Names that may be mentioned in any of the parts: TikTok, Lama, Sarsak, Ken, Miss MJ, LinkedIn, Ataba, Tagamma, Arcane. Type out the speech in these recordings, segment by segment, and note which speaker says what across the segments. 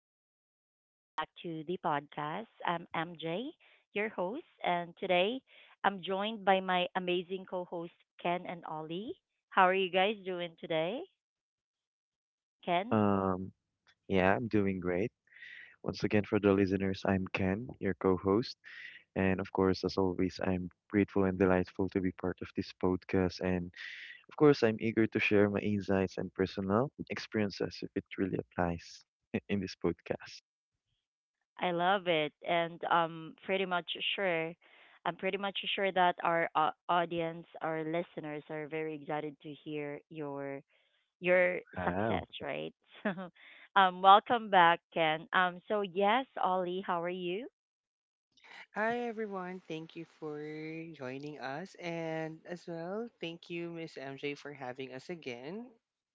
Speaker 1: and welcome back to the podcast. I'm MJ, your host, and today I'm joined by my amazing co host, Ken and Ollie. How are you guys doing today? Ken,
Speaker 2: Um, yeah, I'm doing great. Once again, for the listeners, I'm Ken, your co-host, and of course, as always, I'm grateful and delightful to be part of this podcast. And of course, I'm eager to share my insights and personal experiences if it really applies in this podcast.
Speaker 1: I love it, and I'm pretty much sure. I'm pretty much sure that our audience, our listeners, are very excited to hear your
Speaker 2: Wow.
Speaker 1: success, right? So, welcome back, Ken. So yes, Ollie, how are you?
Speaker 3: Hi everyone, thank you for joining us, and as well, thank you Miss MJ for having us again.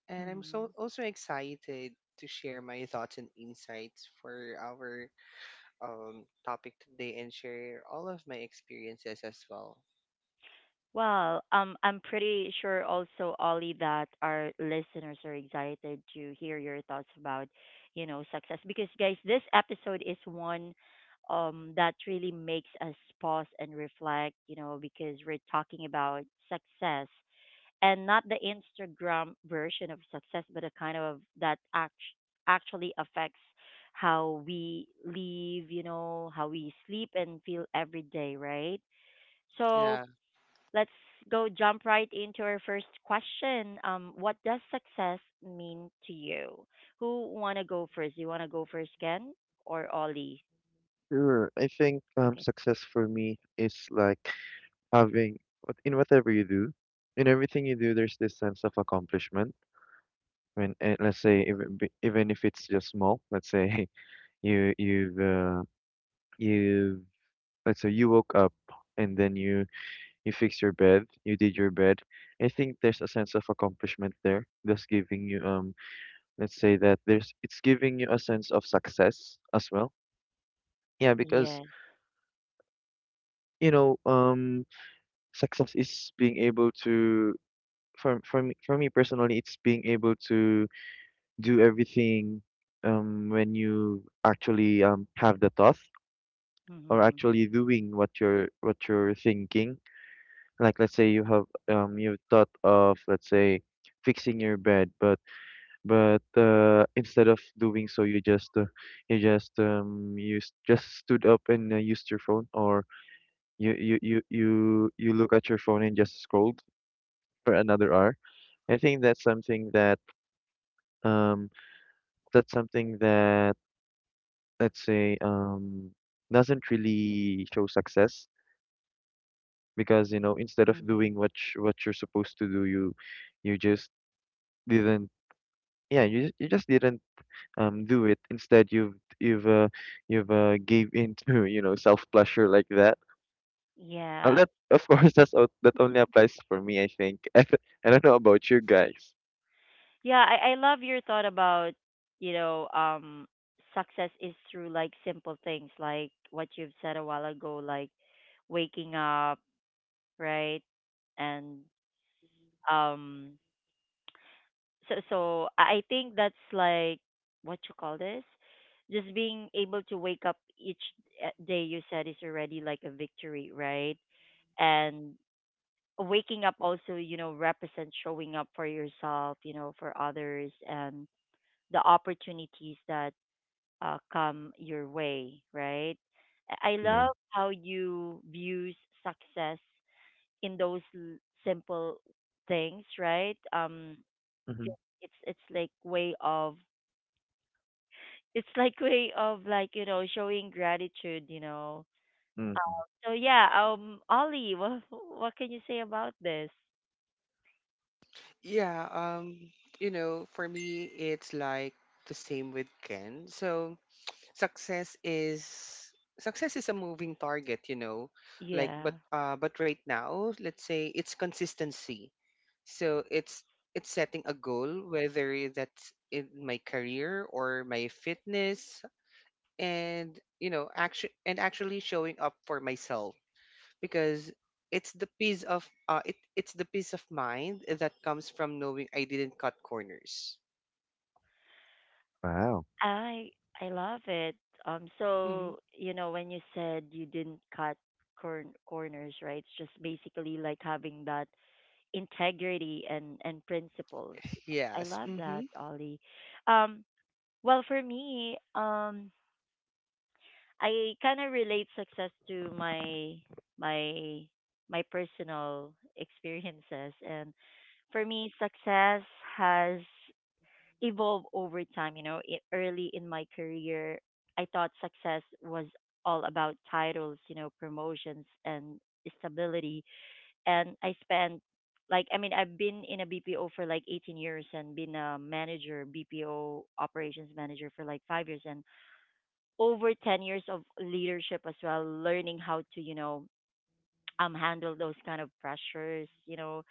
Speaker 3: And I'm so
Speaker 1: Mhm.
Speaker 3: also excited to share my thoughts and insights for our topic today and share all of my experiences as well.
Speaker 1: Well, I'm pretty sure also, Ollie, that our listeners are excited to hear your thoughts about success. Because, guys, this episode is one that really makes us pause and reflect, because we're talking about success, and not the Instagram version of success, but a kind of that actually affects how we live, how we sleep and feel every day, right? So,
Speaker 3: Yeah.
Speaker 1: let's go jump right into our first question. What does success mean to you? Who wanna go first? You wanna go first, Ken or Ollie?
Speaker 2: Sure. I think
Speaker 1: Okay.
Speaker 2: success for me is like having what in whatever you do, in everything you do, there's this sense of accomplishment. When, and let's say even if it's just small, let's say. You you've uh, you've let's say you woke up and then you fixed your bed, you did your bed. I think there's a sense of accomplishment there. That's giving you let's say that there's it's giving you a sense of success as well. Yeah, because
Speaker 1: Yes.
Speaker 2: you know, success is being able to for me personally it's being able to do everything when you actually have the thought or
Speaker 1: Mhm.
Speaker 2: actually doing what you're thinking. Like let's say you have you thought of let's say fixing your bed, but instead of doing so you just stood up and used your phone, or you look at your phone and just scrolled for another hour. I think that's something um that's something that let's say doesn't really show success, because you know, instead of
Speaker 1: Mhm.
Speaker 2: doing what you're supposed to do, you just didn't, yeah, you just didn't do it. Instead you've gave in to you know self pleasure like that, and
Speaker 1: Yeah.
Speaker 2: that, of course that only applies for me I think. I don't know about you guys.
Speaker 1: Yeah, I love your thought about, you know, um success is through like simple things like what you've said a while ago, like waking up, right? And um I think that's like what you call this, just being able to wake up each day, you said, is already like a victory, right? And waking up also, represents showing up for yourself, for others, and the opportunities that come your way, right? I
Speaker 2: Yeah.
Speaker 1: love how you views success in those simple things, right? Um,
Speaker 2: Mm-hmm.
Speaker 1: 'cause it's it's like way of it's like way of like, showing gratitude,
Speaker 2: Mm-hmm.
Speaker 1: so yeah, Ollie, what can you say about this?
Speaker 3: Yeah, you know, for me it's like the same with Ken. So success is success is a moving target, you know, like
Speaker 1: Yeah,
Speaker 3: but right now let's say it's consistency. So it's setting a goal, whether that's in my career or my fitness, and you know action and actually showing up for myself, because it, it's the peace of mind that comes from knowing I didn't cut corners.
Speaker 2: Wow.
Speaker 1: i I love it. um so
Speaker 3: Hmm.
Speaker 1: you know when you said you didn't cut corners, right, it's just basically like having that integrity and principles. I
Speaker 3: Yes,
Speaker 1: love that,
Speaker 3: mm-hmm.
Speaker 1: Ollie. Um well for me, I kind of relate success to my my personal experiences, and for me success has evolved over time, early in my career, I thought success was all about titles, promotions and stability. And I spent, like, I mean, I've been in a BPO for like 18 years, and been a manager, BPO operations manager, for like 5 years, and over 10 years of leadership as well, learning how to, handle those kind of pressures,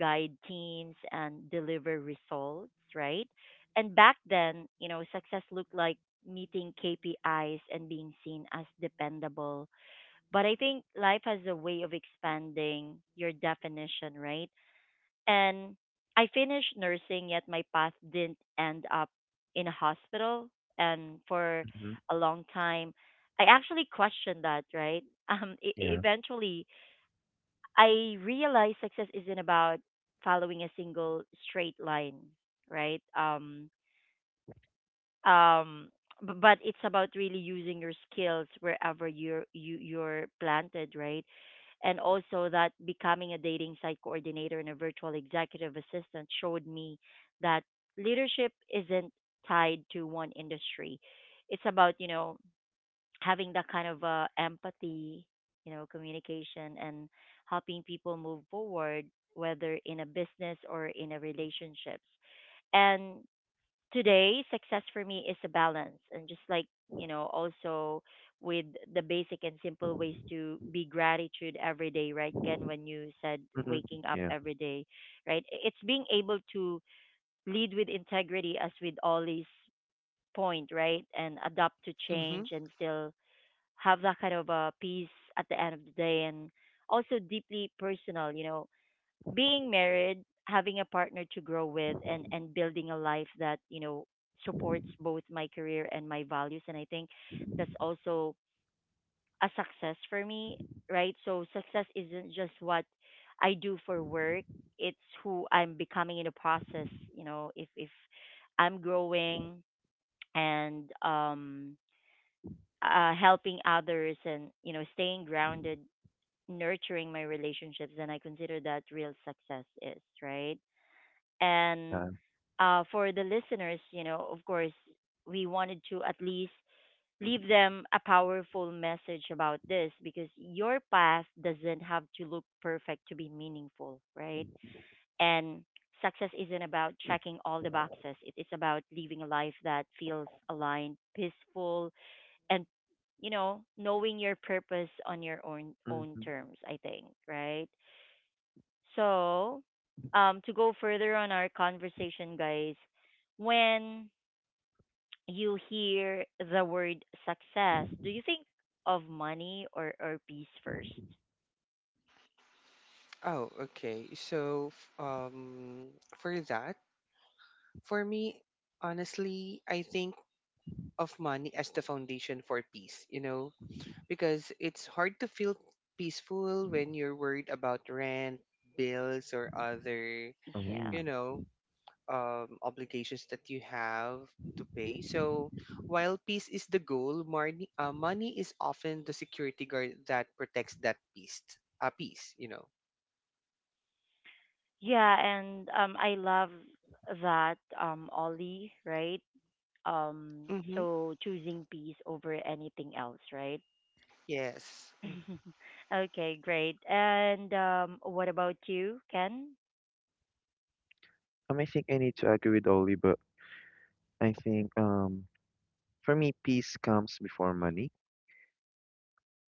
Speaker 1: guide teams and deliver results, right? And back then, success looked like meeting KPIs and being seen as dependable, but I think life has a way of expanding your definition, right? And I finished nursing, yet my path didn't end up in a hospital. And for
Speaker 2: Mm-hmm.
Speaker 1: a long time, I actually questioned that, right? Um, e- e-
Speaker 2: Yeah.
Speaker 1: eventually, I realized success isn't about following a single straight line, right? Um but it's about really using your skills wherever you're planted, right. And also, that becoming a dating site coordinator and a virtual executive assistant showed me that leadership isn't tied to one industry. It's about having that kind of empathy, communication, and helping people move forward, whether in a business or in a relationships. And today success for me is a balance, and just like, also with the basic and simple ways to be gratitude every day. Right, Ken? When you said
Speaker 2: Mm-hmm.
Speaker 1: waking up
Speaker 2: Yeah.
Speaker 1: every day, right, it's being able to lead with integrity, as with Ollie's point, right? And adapt to
Speaker 3: Mm-hmm.
Speaker 1: change and still have that kind of a peace at the end of the day, and also deeply personal, being married, having a partner to grow with, and building a life that supports both my career and my values. And I think that's also a success for me, right? So success isn't just what I do for work; it's who I'm becoming in the process. If I'm growing, and helping others, and staying grounded, nurturing my relationships, then I consider that real success is, right? And,
Speaker 2: Uh,
Speaker 1: for the listeners, of course, we wanted to at least leave them a powerful message about this, because your path doesn't have to look perfect to be meaningful, right? And success isn't about checking all the boxes; it is about living a life that feels aligned, peaceful, and, knowing your purpose on your own
Speaker 2: mm-hmm.
Speaker 1: terms, I think, right? So, to go further on our conversation, guys, when you hear the word success, do you think of money or peace first?
Speaker 3: Oh, okay. So, for that, for me, honestly, I think of money as the foundation for peace, you know, because it's hard to feel peaceful when you're worried about rent, bills, or other,
Speaker 2: Oh.
Speaker 1: Yeah.
Speaker 3: you know, obligations that you have to pay. So, while peace is the goal, money is often the security guard that protects that peace, peace, you know.
Speaker 1: Yeah, and I love that, Ollie, right? Um
Speaker 3: Mm-hmm.
Speaker 1: so choosing peace over anything else, right?
Speaker 3: Yes.
Speaker 1: Okay, great. And what about you, Ken?
Speaker 2: I think I need to agree with Oli, but I think for me peace comes before money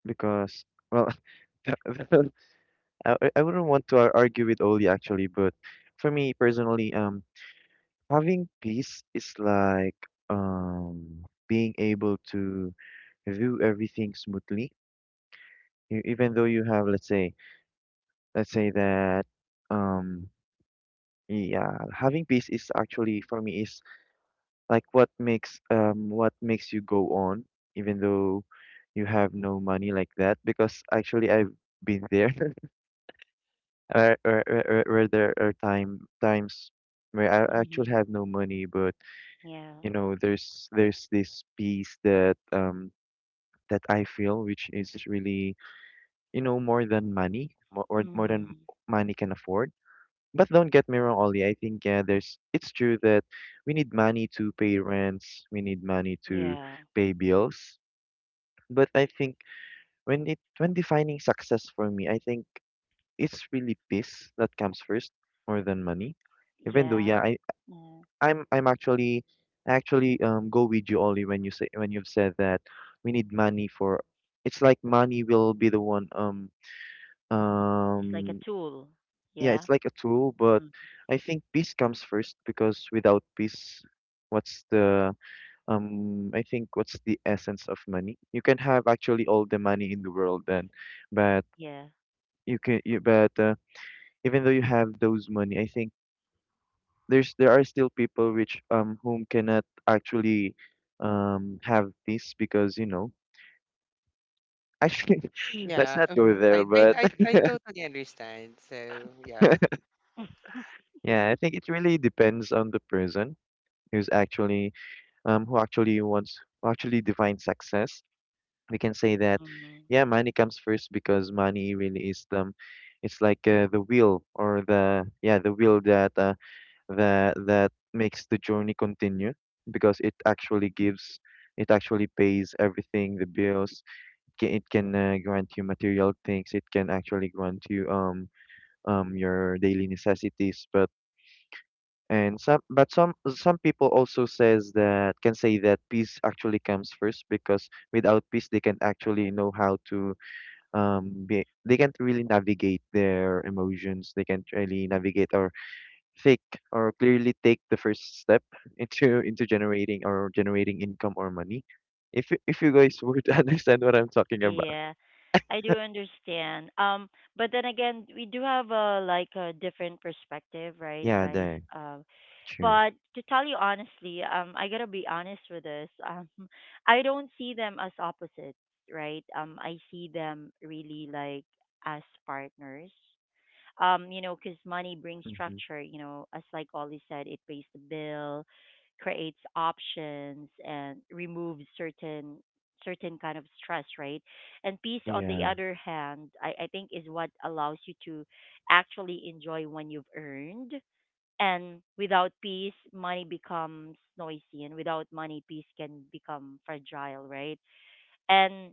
Speaker 2: because, well, I wouldn't want to argue with Oli actually, but for me personally, having peace is like being able to view everything smoothly. Even though you have, let's say that, um, yeah, having peace is actually for me is like what makes you go on, even though you have no money like that, because actually I've been there. Where there are times where I actually
Speaker 1: Mhm.
Speaker 2: have no money, but
Speaker 1: Yeah.
Speaker 2: you know, there's this peace that I feel, which is really you know more than money, more than
Speaker 1: Mhm.
Speaker 2: money can afford. But don't get me wrong, Ollie. I think yeah, there's it's true that we need money to pay rents, we need money to
Speaker 1: Yeah.
Speaker 2: pay bills. But I think when it when defining success for me, I think it's really peace that comes first more than money. Even though,
Speaker 1: Yeah.
Speaker 2: yeah,
Speaker 1: Mm.
Speaker 2: I'm actually go with you, Ollie, when you say when you've said that we need money for. It's like money will be the one,
Speaker 1: It's like a
Speaker 2: um
Speaker 1: tool.
Speaker 2: yeah,
Speaker 1: Yeah.
Speaker 2: it's like a tool, but
Speaker 1: Mm.
Speaker 2: I think peace comes first because without peace, what's the I think what's the essence of money? You can have actually all the money in the world then, but
Speaker 1: Yeah.
Speaker 2: you can you but even though you have those money, I think there are still people which whom cannot actually have this, because you know, actually, let's
Speaker 3: Yeah,
Speaker 2: not go
Speaker 3: mhm.
Speaker 2: there.
Speaker 3: I, I
Speaker 2: But
Speaker 3: I
Speaker 1: Mhm.
Speaker 3: I totally understand. So yeah,
Speaker 2: yeah, I think it really depends on the person who's actually who actually defines success. We can say that
Speaker 1: Mhm.
Speaker 2: yeah, money comes first because money really is the, it's like, the wheel, or the, yeah, the wheel that makes the journey continue, because it actually gives, it actually pays everything, the bills, it can grant you material things, it can actually grant you your daily necessities. But and some, but some people also says that can say that peace actually comes first because without peace they can't actually know how to be, they can't really navigate their emotions, they can't really navigate or think or clearly take the first step into generating, or generating income or money. If if you guys would understand what I'm talking about.
Speaker 1: Yeah. I do understand. But then again, we do have a like a different perspective, right,
Speaker 2: Yeah,
Speaker 1: guys?
Speaker 2: there.
Speaker 1: Um,
Speaker 2: True.
Speaker 1: but to tell you honestly, I gotta be honest with this. I don't see them as opposites, right? I see them really like as partners, because money brings
Speaker 2: Mm-hmm.
Speaker 1: structure, as like Ollie said, it pays the bill, creates options, and removes certain kind of stress, right? And peace on the
Speaker 2: Yeah.
Speaker 1: other hand, I think, is what allows you to actually enjoy when you've earned. And without peace money becomes noisy, and without money peace can become fragile, right? And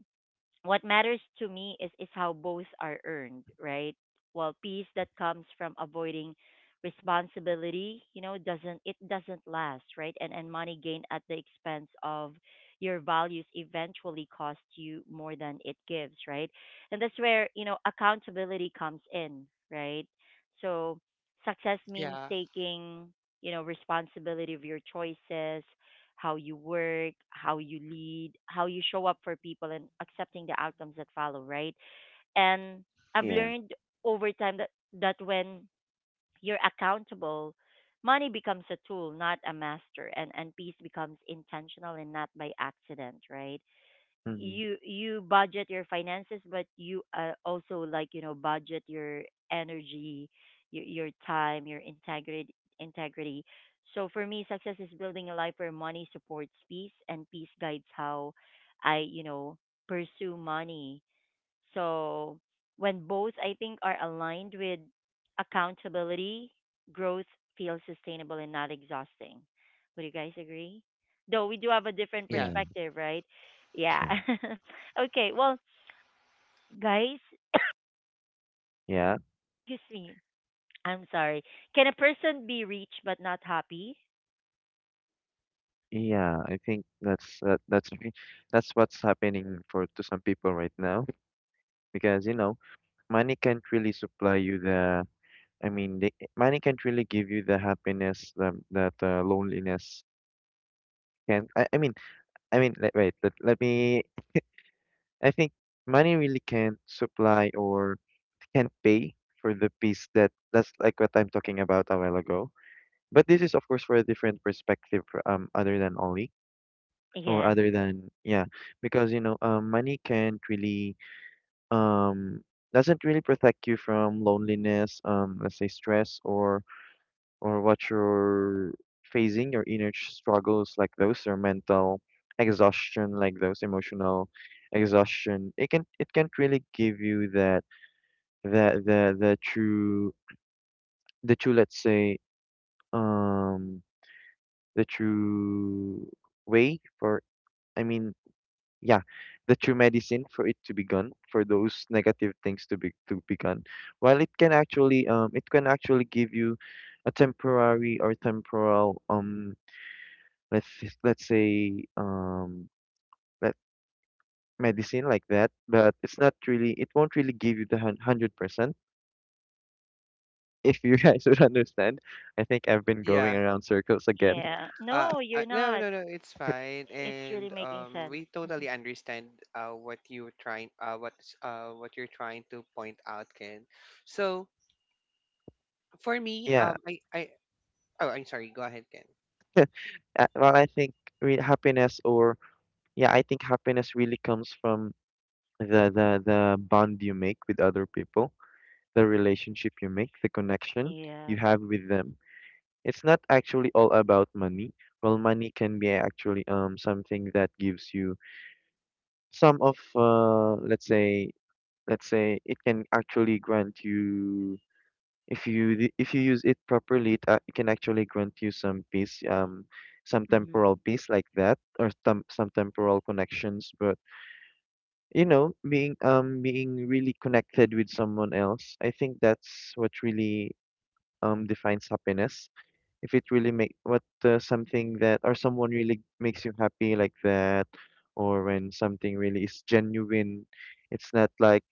Speaker 1: what matters to me is how both are earned, right? Well, peace that comes from avoiding responsibility, doesn't last, right? And money gained at the expense of your values eventually cost you more than it gives, right? And that's where, accountability comes in, right? So success means
Speaker 3: yeah,
Speaker 1: taking responsibility of your choices, how you work, how you lead, how you show up for people, and accepting the outcomes that follow, right? And I've
Speaker 2: Yeah.
Speaker 1: learned over time that when you're accountable, money becomes a tool, not a master, and peace becomes intentional and not by accident, right?
Speaker 2: Mm-hmm.
Speaker 1: You budget your finances, but you, also, like, budget your energy, your time, your integrity. So for me, success is building a life where money supports peace, and peace guides how I pursue money. So when both, I think, are aligned with accountability, growth feels sustainable and not exhausting. Would you guys agree? Though we do have a different
Speaker 3: yeah,
Speaker 2: Yeah.
Speaker 1: perspective, right? Yeah.
Speaker 2: True.
Speaker 1: Okay. Well, guys,
Speaker 2: Yeah.
Speaker 1: excuse me. I'm sorry. Can a person be rich but not happy?
Speaker 2: Yeah. I think that's okay. That's what's happening for to some people right now, because you know money can't really supply you the, I mean money can't really give you the happiness that loneliness can. I mean, let, wait, let, let me. I think money really can't supply or can't pay for the peace that's like what I'm talking about a while ago. But this is, of course, for a different perspective, other than Ollie or
Speaker 1: Yeah.
Speaker 2: other than, yeah, because, you know, money can't really, um, doesn't really protect you from loneliness, let's say stress or what you're facing, your inner struggles like those, or mental exhaustion like those, emotional exhaustion. It can, it can't really give you that, that the the true the true, let's say, um the true way for, I mean, yeah, the true medicine for it to be gone, for those negative things to be gone. While it can actually give you a temporary or temporal, let's let's say let medicine like that, but it's not really, it won't really give you the 100%. If you guys would understand. I think I've been going
Speaker 3: yeah.
Speaker 2: around circles again.
Speaker 1: Yeah. No, you're
Speaker 3: No,
Speaker 1: not.
Speaker 3: no, no, it's fine.
Speaker 1: It's really
Speaker 3: And
Speaker 1: making sense.
Speaker 3: we
Speaker 1: Mhm.
Speaker 3: totally understand what you're trying to point out, Ken. So for me,
Speaker 2: Yeah.
Speaker 3: I oh, I'm sorry. Go ahead, Ken.
Speaker 2: Uh, well, I think re- happiness or yeah, I think happiness really comes from the bond you make with other people, the relationship you make, the connection
Speaker 1: Yeah.
Speaker 2: you have with them. It's not actually all about money. Well, money can be actually something that gives you some of let's say, let's say it can actually grant you, if if you use it properly, it can actually grant you some peace, some
Speaker 1: Mm-hmm.
Speaker 2: temporal peace like that, or some temporal connections. But you know, being really connected with someone else, I think that's what really defines happiness. If it really make what something that, or someone really makes you happy like that, or when something really is genuine. It's not like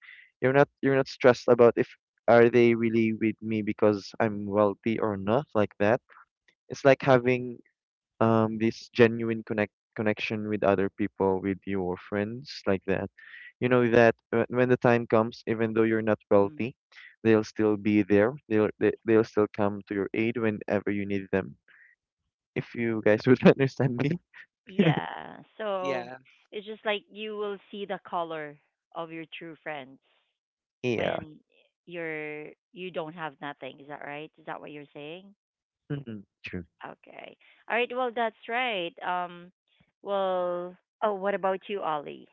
Speaker 2: you're not stressed about if are they really with me because I'm wealthy or not like that. It's like having this genuine connection with other people, with your friends like that, you know that, when the time comes, even though you're not
Speaker 1: Mm-hmm.
Speaker 2: wealthy, they'll still be there they'll they, they'll still come to your aid whenever you need them. If you guys would understand me.
Speaker 1: Yeah. So
Speaker 3: Yeah,
Speaker 1: it's just like you will see the color of your true friends
Speaker 2: Yeah.
Speaker 1: when you're you don't have nothing. Is that right? Is that what you're saying?
Speaker 2: Hmm. True.
Speaker 1: Okay. All right. Well, that's right. Well. Oh, what about you, Ollie?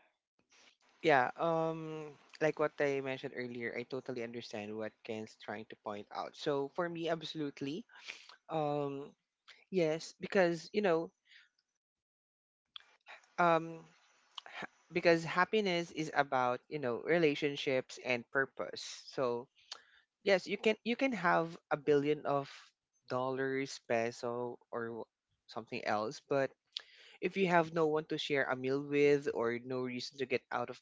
Speaker 3: yeah. Like what I mentioned earlier, I totally understand what Ken's trying to point out. So for me, absolutely. Um, yes, because you know, um, because happiness is about you know relationships and purpose. So yes, you can, you can have a billion of dollars, peso, or something else, but if you have no one to share a meal with or no reason to get out of,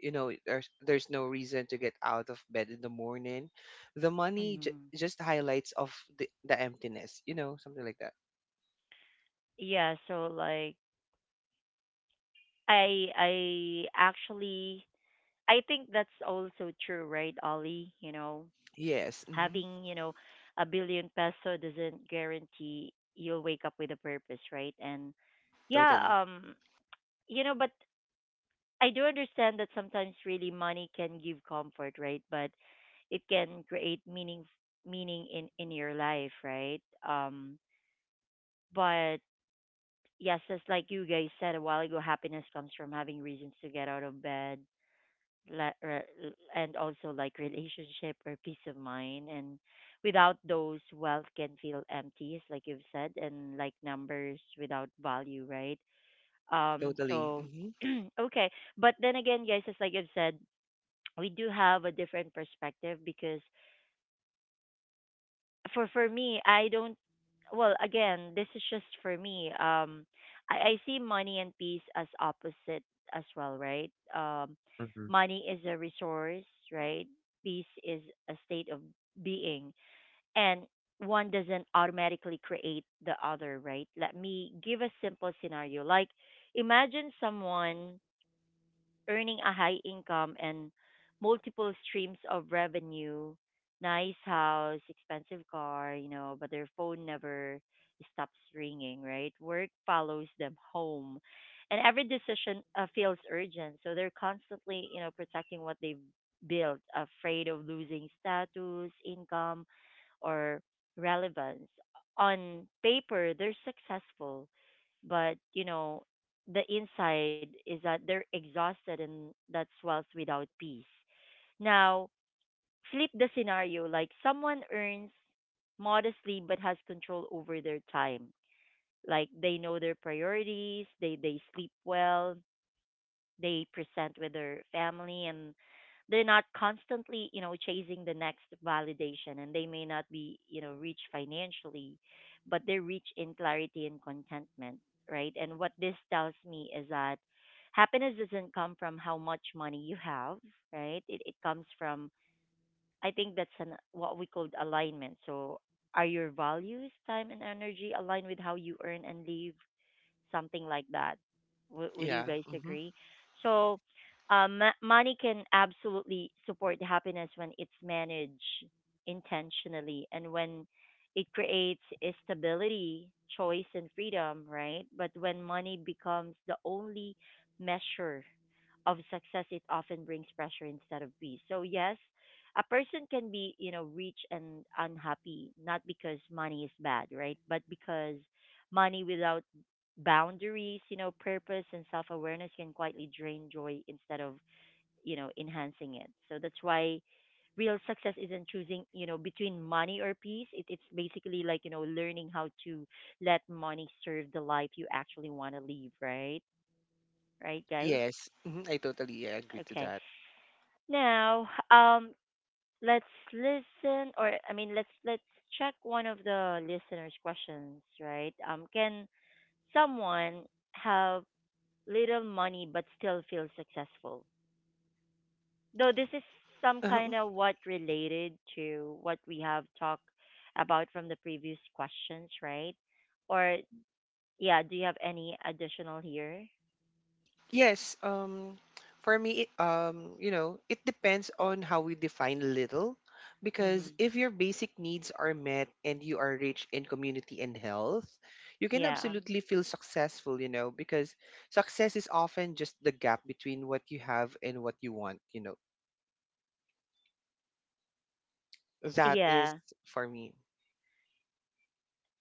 Speaker 3: you know, there's no reason to get out of bed in the morning, the
Speaker 1: Mm-hmm.
Speaker 3: just highlights of the emptiness, you know, something like that.
Speaker 1: Yeah. So like, I actually, I think that's also true, right, Ollie? You know,
Speaker 3: Yes, hmm.
Speaker 1: having a billion peso doesn't guarantee you'll wake up with a purpose, right? And yeah,
Speaker 3: Totally.
Speaker 1: but I do understand that sometimes really money can give comfort, right, but it can create meaning in your life, right? um but yes, just like you guys said a while ago, happiness comes from having reasons to get out of bed, le- re- and also like relationship or peace of mind, and without those wealth can feel empty, as like you've said, and like numbers without value, right? um
Speaker 3: Totally,
Speaker 1: so
Speaker 3: hmm.
Speaker 1: okay, but then again, guys, as like I've said, we do have a different perspective, because for me, I don't. Well, again, this is just for me. I see money and peace as opposite as well, right? Um,
Speaker 2: Hmm.
Speaker 1: money is a resource, right? Peace is a state of being, and one doesn't automatically create the other, right? Let me give a simple scenario. Like, imagine someone earning a high income and multiple streams of revenue, nice house, expensive car, but their phone never stops ringing, right? Work follows them home. And every decision feels urgent. So they're constantly protecting what they've built, afraid of losing status, income, or relevance. On paper, they're successful, but the inside is that they're exhausted, and that's wealth without peace. Now, flip the scenario, like someone earns modestly but has control over their time. Like they know their priorities, they sleep well, they present with their family, and they're not constantly chasing the next validation, and they may not be rich financially, but they rich in clarity and contentment, right? And what this tells me is that happiness doesn't come from how much money you have, right? It comes from, I think, that's an what we called alignment. So are your values, time, and energy aligned with how you earn and live? Something like that. Would you
Speaker 3: Yeah,
Speaker 1: guys
Speaker 3: mm-hmm.
Speaker 1: agree? So, money can absolutely support happiness when it's managed intentionally, and when it creates a stability, choice, and freedom, right? But when money becomes the only measure of success, it often brings pressure instead of peace. So yes, a person can be, rich and unhappy, not because money is bad, right? But because money without boundaries, purpose, and self awareness can quietly drain joy instead of, enhancing it. So that's why real success isn't choosing, between money or peace. It's basically like, learning how to let money serve the life you actually want to live, right? Right, guys?
Speaker 3: Yes, mhm, I totally agree to
Speaker 1: Okay.
Speaker 3: that.
Speaker 1: Now, let's listen, or I mean, let's check one of the listeners' questions, right? Can someone have little money but still feel successful? Though this is some kind
Speaker 3: Um,
Speaker 1: of what related to what we have talked about from the previous questions, right? Or yeah, do you have any additional here?
Speaker 3: yes, for me, you know, it depends on how we define little,
Speaker 1: Mm-hmm.
Speaker 3: because if your basic needs are met and you are rich in community and health, you can
Speaker 1: Yeah.
Speaker 3: absolutely feel successful, you know, because success is often just the gap between what you have and what you want, you know. That is
Speaker 1: Yeah.
Speaker 3: for me.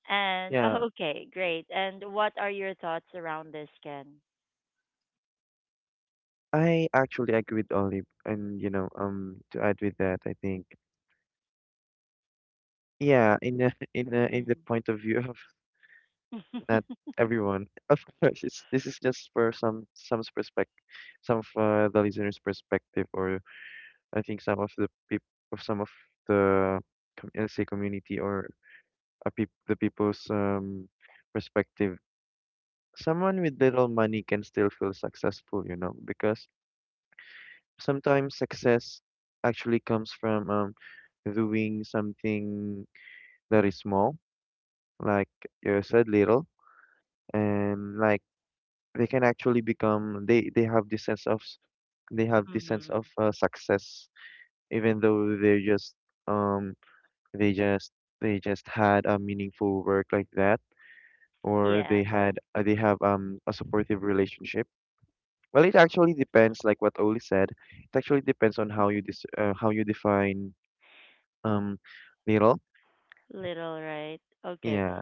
Speaker 1: And
Speaker 2: Yeah,
Speaker 1: okay, great. And what are your thoughts around this, Ken?
Speaker 2: I actually agree with Olive, and you know, to add with that I think, yeah, in the
Speaker 1: Mm-hmm.
Speaker 2: point of view of not everyone. Of course, it's, this is just for some's perspective, some of the listeners' perspective, or I think some of the peop of some of the let's say community, or a peop the people's perspective. Someone with little money can still feel successful, you know, because sometimes success actually comes from doing something that is small, like you said, little, and like they can actually become, they have this sense of
Speaker 1: Mm.
Speaker 2: success, even though they're just um they just they just had a meaningful work like that, or
Speaker 1: Yeah,
Speaker 2: they had they have a supportive relationship. Well, it actually depends, like what Oli said, it actually depends on how you how you define um little.
Speaker 1: little, right? Okay.
Speaker 2: Yeah.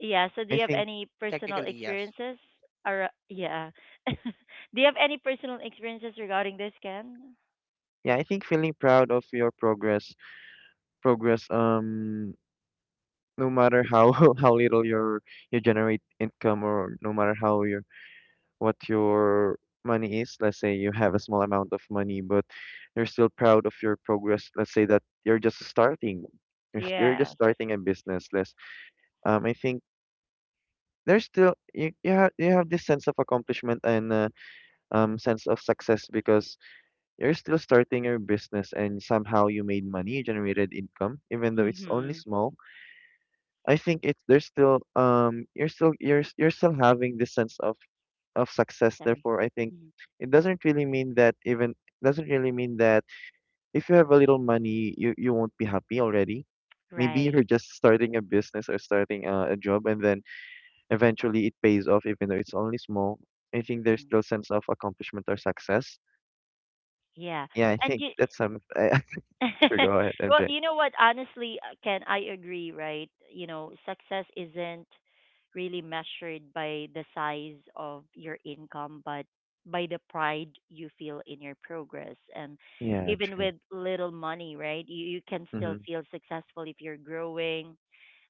Speaker 1: Yeah, so do
Speaker 2: I
Speaker 1: you have
Speaker 2: think,
Speaker 1: any personal
Speaker 3: Technically, yes.
Speaker 1: experiences? Or, yeah. Do you have any personal experiences regarding this, Ken?
Speaker 2: yeah, I think feeling proud of your progress, no matter how how little you generate income, or no matter how your money is. Let's say you have a small amount of money, but you're still proud of your progress. Let's say that you're just starting, you're just
Speaker 1: Yes.
Speaker 2: starting a business less, I think there's still, you have this sense of accomplishment and sense of success, because you're still starting your business and somehow you made money, you generated income even though it's only
Speaker 1: Mm-hmm.
Speaker 2: small. I think it's there's still you're still, you're still having this sense of success.
Speaker 1: Sorry.
Speaker 2: Therefore, I think
Speaker 1: Mm.
Speaker 2: it doesn't really mean that, doesn't really mean that if you have a little money, you won't be happy already. Maybe
Speaker 1: Right.
Speaker 2: you're just starting a business or starting a job, and then eventually it pays off, even though it's only small. I think there's
Speaker 1: Mm.
Speaker 2: still sense of accomplishment or success.
Speaker 1: Yeah.
Speaker 2: Yeah, I
Speaker 1: And
Speaker 2: think
Speaker 1: you
Speaker 2: that's some. Sure, go ahead,
Speaker 1: well,
Speaker 2: MJ.
Speaker 1: you know what? Honestly, Ken, I agree, right? You know, success isn't really measured by the size of your income, but by the pride you feel in your progress. And
Speaker 2: Yeah,
Speaker 1: even
Speaker 2: true.
Speaker 1: with little money, right? You can still
Speaker 2: Mm-hmm.
Speaker 1: feel successful if you're growing,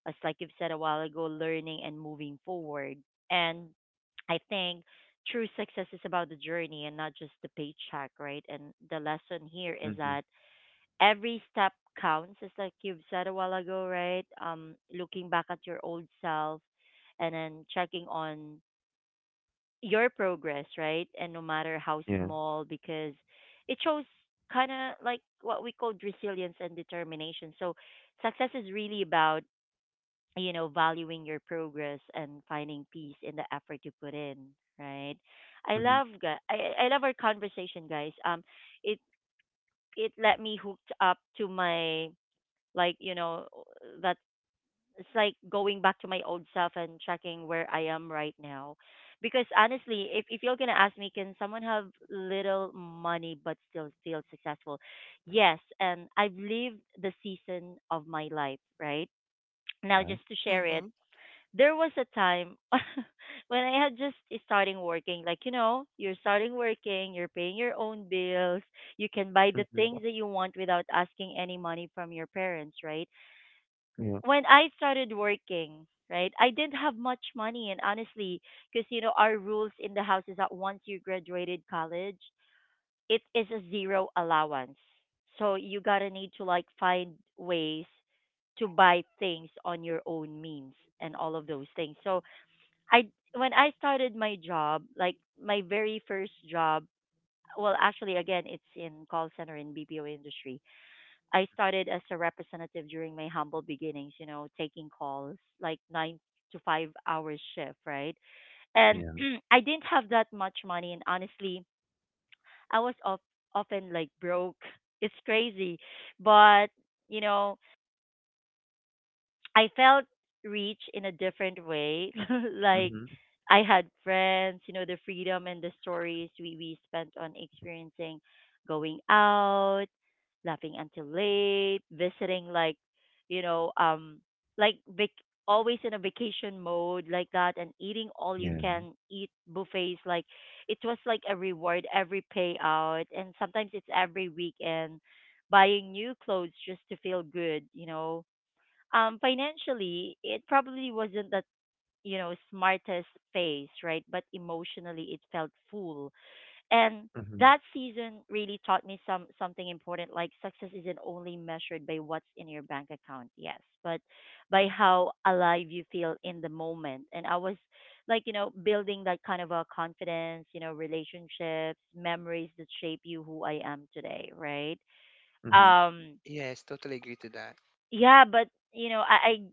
Speaker 1: as like you've said a while ago, learning and moving forward. And I think true success is about the journey and not just the paycheck, right? And the lesson here is
Speaker 2: Mm-hmm.
Speaker 1: that every step counts, just like you've said a while ago, right? Looking back at your old self and then checking on your progress, right? And no matter how
Speaker 2: Yeah.
Speaker 1: small, because it shows kind of like what we called resilience and determination. So success is really about, valuing your progress and finding peace in the effort you put in, right? I
Speaker 2: Mm-hmm.
Speaker 1: love gu- I love our conversation, guys. It it let me hooked up to my, like, you know, that it's like going back to my old self and checking where I am right now. Because honestly, if you're gonna ask me, can someone have little money but still feel successful? Yes, and I've lived the season of my life, right? Now
Speaker 2: Yeah.
Speaker 1: just to share it,
Speaker 3: Hmm.
Speaker 1: there was a time when I had just starting working. Like, you're starting working, you're paying your own bills, you can buy the
Speaker 2: Mm-hmm.
Speaker 1: things that you want without asking any money from your parents, right?
Speaker 2: Yeah.
Speaker 1: When I started working, right, I didn't have much money. And honestly, because, our rules in the house is that once you graduated college, it is a zero allowance. So you got to need to like find ways to buy things on your own means and all of those things. So I, when I started my job, like my very first job, well, actually, again, it's in call center in BPO industry. I started as a representative during my humble beginnings, taking calls like 9 to 5 hours shift, right? And
Speaker 2: Yeah.
Speaker 1: I didn't have that much money, and honestly, I was of, often like broke. It's crazy, but you know, I felt rich in a different way. Like
Speaker 2: Mm-hmm.
Speaker 1: I had friends, the freedom and the stories we spent on experiencing going out, laughing until late, visiting you know, um like always in a vacation mode like that, and eating all you
Speaker 2: Yeah.
Speaker 1: can eat buffets. Like it was like a reward every payout, and sometimes it's every weekend buying new clothes just to feel good. Financially it probably wasn't that, smartest phase, right? But emotionally it felt full. And
Speaker 2: Mm-hmm.
Speaker 1: that season really taught me something important. Like success isn't only measured by what's in your bank account, yes, but by how alive you feel in the moment. And I was, building that kind of a confidence, relationships, memories that shape you who I am today, right?
Speaker 2: Mm-hmm.
Speaker 1: um
Speaker 3: Yes, totally agree to that.
Speaker 1: yeah, but I,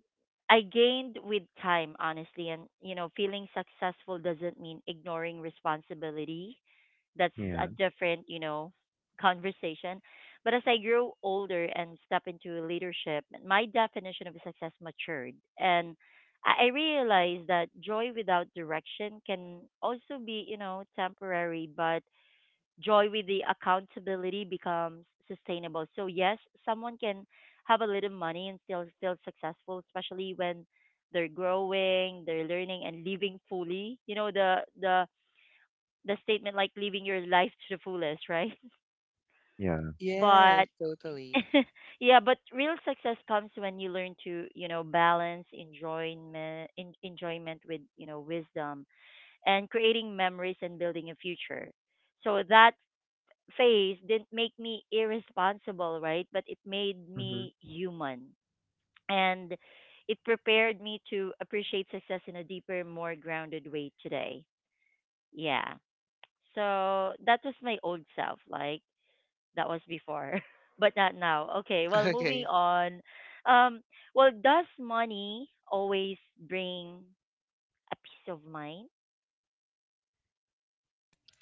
Speaker 1: I gained with time, honestly, and feeling successful doesn't mean ignoring responsibility. That's a
Speaker 2: Yeah.
Speaker 1: different, conversation. But as I grew older and step into leadership, my definition of success matured, and I realized that joy without direction can also be, temporary, but joy with the accountability becomes sustainable. So yes, someone can have a little money and still feel successful, especially when they're growing, they're learning and living fully. You know the statement like living your life to the fullest, right?
Speaker 2: Yeah.
Speaker 1: But
Speaker 3: Yes, totally.
Speaker 1: yeah, but real success comes when you learn to, balance enjoyment with, wisdom and creating memories and building a future. So that phase didn't make me irresponsible, right? But it made
Speaker 2: Mm-hmm.
Speaker 1: me human. And it prepared me to appreciate success in a deeper, more grounded way today. Yeah. So that was my old self, like that was before, but not now. Okay, well, moving
Speaker 3: Okay.
Speaker 1: on. Um, well, does money always bring a peace of mind?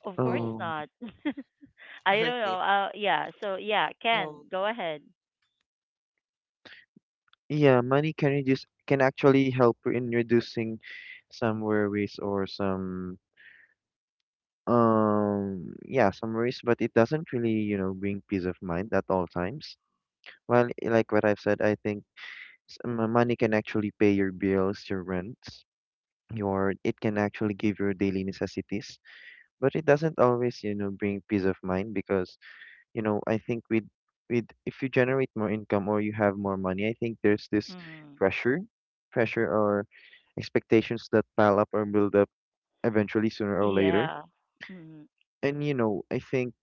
Speaker 1: Of course
Speaker 3: Oh.
Speaker 2: Um,
Speaker 1: not. I don't know.
Speaker 3: Okay.
Speaker 1: Yeah. So yeah, Ken,
Speaker 3: Um.
Speaker 1: go ahead.
Speaker 2: yeah, money can reduce can actually help in reducing some worries or some worries, but it doesn't really, you know, bring peace of mind at all times. Well, like what I've said, I think money can actually pay your bills, your rents, your it can actually give your daily necessities, but it doesn't always, you know, bring peace of mind because you know, I think with if you generate more income or you have more money, I think there's this
Speaker 1: Mm.
Speaker 2: pressure, pressure or expectations that pile up or build up eventually sooner or later.
Speaker 1: Yeah. Mm,
Speaker 2: And you know, I think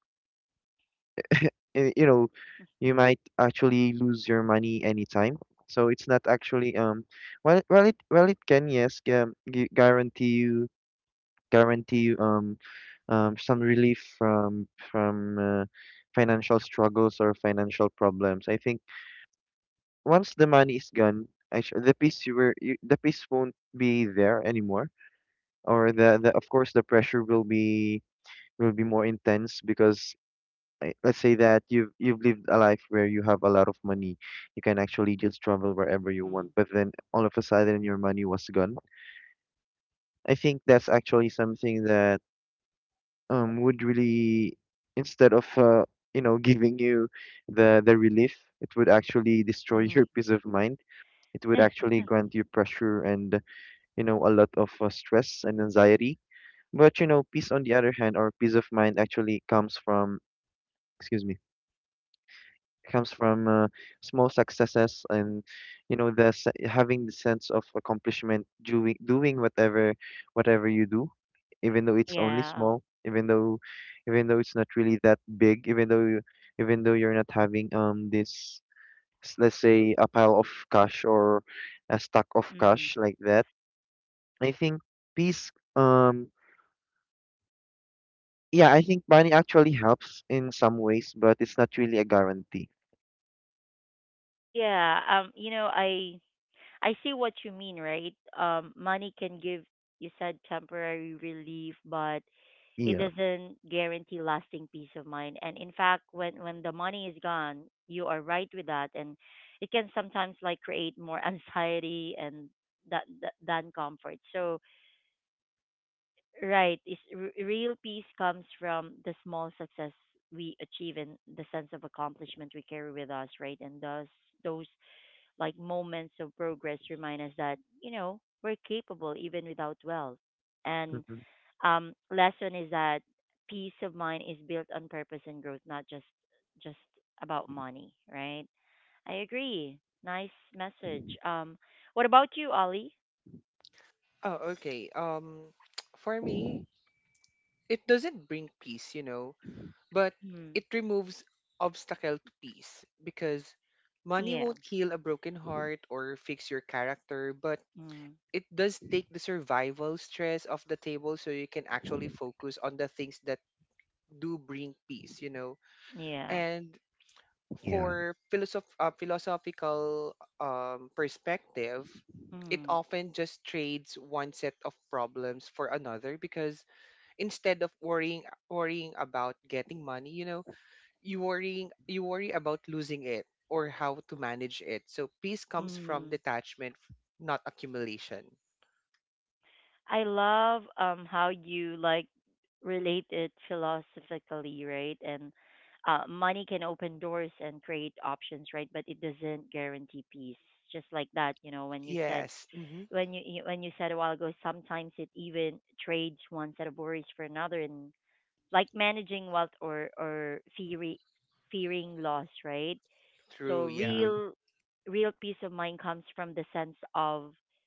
Speaker 2: you know, you might actually lose your money anytime. So it's not actually it well it can, yes, guarantee you some relief from financial struggles or financial problems. I think once the money is gone, actually, the peace you were you, the peace won't be there anymore, or the of course the pressure will be more intense because let's say that you've lived a life where you have a lot of money, you can actually just travel wherever you
Speaker 1: mm,
Speaker 2: want, but then all of a sudden your money was gone. I think that's actually something that would really instead of you know, giving you the relief, it would actually destroy your
Speaker 1: mm.
Speaker 2: peace of mind. It would actually grant you pressure and, you know, a lot of stress and anxiety. But you know, peace on the other hand, or peace of mind, actually comes from, excuse me, comes from small successes and, you know, having the sense of accomplishment doing whatever whatever you do, even though it's only
Speaker 1: Yeah.
Speaker 2: small, even though it's not really that big, even though even though you're not having this let's say a pile of cash or a stack of
Speaker 1: Mm.
Speaker 2: cash like that. I think peace um yeah, I think money actually helps in some ways, but it's not really a guarantee.
Speaker 1: Yeah. You know, I see what you mean, right? Money can give, you said, temporary relief, but it
Speaker 2: Yeah.
Speaker 1: doesn't guarantee lasting peace of mind. And in fact, when the money is gone, you are right with that, and it can sometimes like create more anxiety and that than comfort. So, right. Real peace comes from the small success we achieve and the sense of accomplishment we carry with us, right? And thus, those like moments of progress remind us that we're capable even without wealth. And
Speaker 2: Hmm.
Speaker 1: lesson is that peace of mind is built on purpose and growth, not just about money, right? I agree. Nice message. What about you, Ali?
Speaker 3: Oh, okay. For me, it doesn't bring peace, you know, but
Speaker 1: Hmm.
Speaker 3: it removes obstacle to peace because money
Speaker 1: Yeah.
Speaker 3: won't heal a broken heart or fix your character, but
Speaker 1: Mm.
Speaker 3: it does take the survival stress off the table so you can actually focus on the things that do bring peace, you know.
Speaker 1: Yeah.
Speaker 3: And
Speaker 2: Yeah.
Speaker 3: for philosophical perspective, it
Speaker 1: Mm.
Speaker 3: often just trades one set of problems for another because instead of worrying worrying about getting money, you know, you worry about losing it or how to manage it. So peace comes from
Speaker 1: Mm.
Speaker 3: detachment, not accumulation.
Speaker 1: I love how you like relate it philosophically, right? And money can open doors and create options, right? But it doesn't guarantee peace. Just like that, you know, when you said
Speaker 3: Yes. Mm-hmm.
Speaker 1: when you said a while ago, sometimes it even trades one set of worries for another, and like managing wealth or fearing loss, right? So
Speaker 3: True. Yeah.
Speaker 2: Hmm.
Speaker 1: real peace of mind comes from the sense of,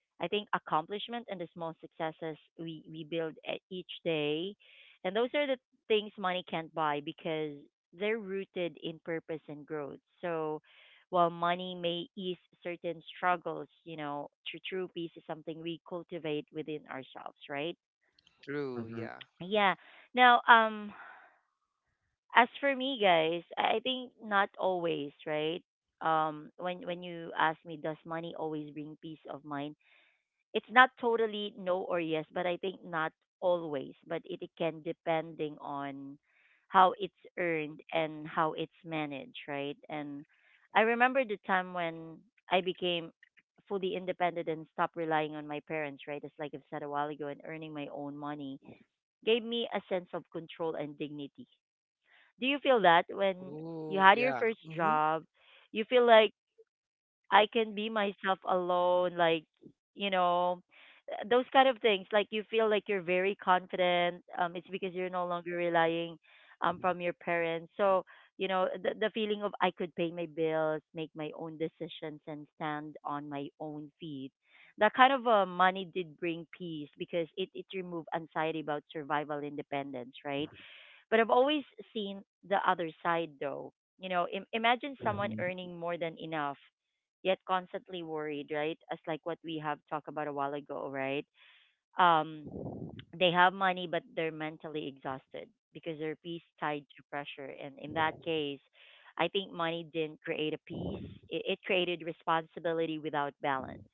Speaker 1: I think, accomplishment and the small successes we build each day, and those are the things money can't buy because they're rooted in purpose and growth. So while money may ease certain struggles, true peace is something we cultivate within ourselves, right?
Speaker 3: True.
Speaker 2: Hmm.
Speaker 3: Yeah.
Speaker 1: Yeah. Now, as for me, guys, I think not always, right? When you ask me, does money always bring peace of mind? It's not totally no or yes, but I think not always. But it can, depending on how it's earned and how it's managed, right? And I remember the time when I became fully independent and stopped relying on my parents, right? As like I've said a while ago, and earning my own money gave me a sense of control and dignity. Do you feel that when you
Speaker 3: Ooh.
Speaker 1: had your
Speaker 3: Yeah.
Speaker 1: first
Speaker 3: Mm-hmm.
Speaker 1: job, you feel like I can be myself alone, like, you know, those kind of things. Like you feel like you're very confident. It's because you're no longer relying from your parents. So, the feeling of I could pay my bills, make my own decisions, and stand on my own feet. That kind of money did bring peace because it removed anxiety about survival independence, right? But I've always seen the other side though. Imagine someone
Speaker 2: Hmm.
Speaker 1: earning more than enough yet constantly worried, right? As like what we have talked about a while ago, right? Um they have money but they're mentally exhausted because their peace tied to pressure, and in that case, I think money didn't create a peace. It created responsibility without balance.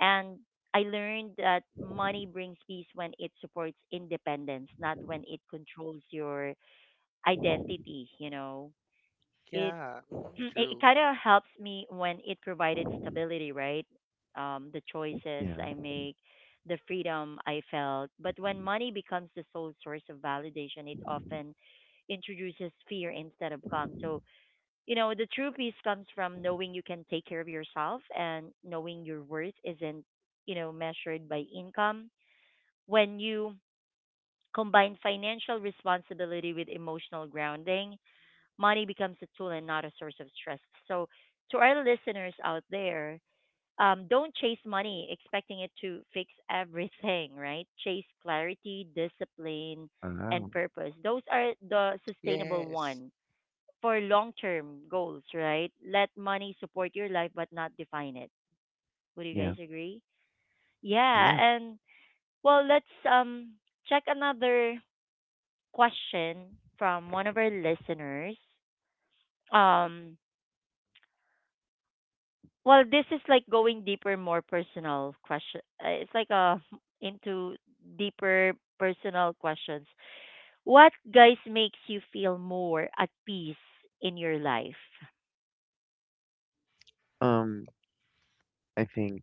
Speaker 1: And I learned that money brings peace when it supports independence, not when it controls your identity. It
Speaker 3: Yeah. Mm-hmm.
Speaker 1: it
Speaker 3: True.
Speaker 1: kind of helps me when it provided stability, right? The choices
Speaker 2: Yeah.
Speaker 1: I make, the freedom I felt. But when money becomes the sole source of validation, it often introduces fear instead of calm. So, you know, the true peace comes from knowing you can take care of yourself and knowing your worth isn't, measured by income. When you combine financial responsibility with emotional grounding, money becomes a tool and not a source of stress. So, to our listeners out there, don't chase money expecting it to fix everything, right? Chase clarity, discipline, and
Speaker 2: Wow.
Speaker 1: purpose. Those are the sustainable
Speaker 3: Yes.
Speaker 1: one for long term goals, right? Let money support your life but not define it. Would you
Speaker 2: Yeah.
Speaker 1: guys agree? Yeah,
Speaker 2: Yeah.
Speaker 1: and well, let's check another question from one of our listeners. Um, Well, this is like going deeper, more personal question. It's like a into deeper personal questions. What guys makes you feel more at peace in your life?
Speaker 2: Um, I think,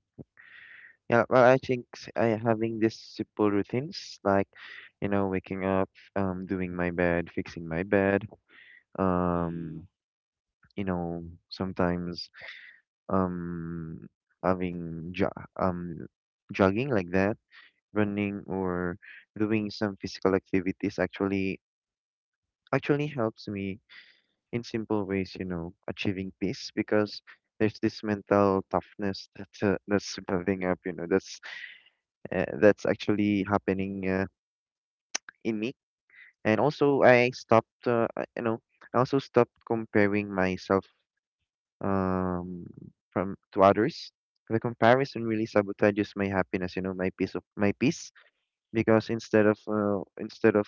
Speaker 2: yeah, well, I think I having these simple routines like, you know, waking up, doing my bed, fixing my bed,
Speaker 1: Mm.
Speaker 2: um, you know, sometimes, um, having jo um, jogging like that, running or doing some physical activities actually actually helps me in simple ways, you know, achieving peace because there's this mental toughness that that's building up, you know, that's actually happening in me. And also, I also stopped comparing myself, um, from to others. The comparison really sabotages my happiness, you know, my peace because instead of uh, instead of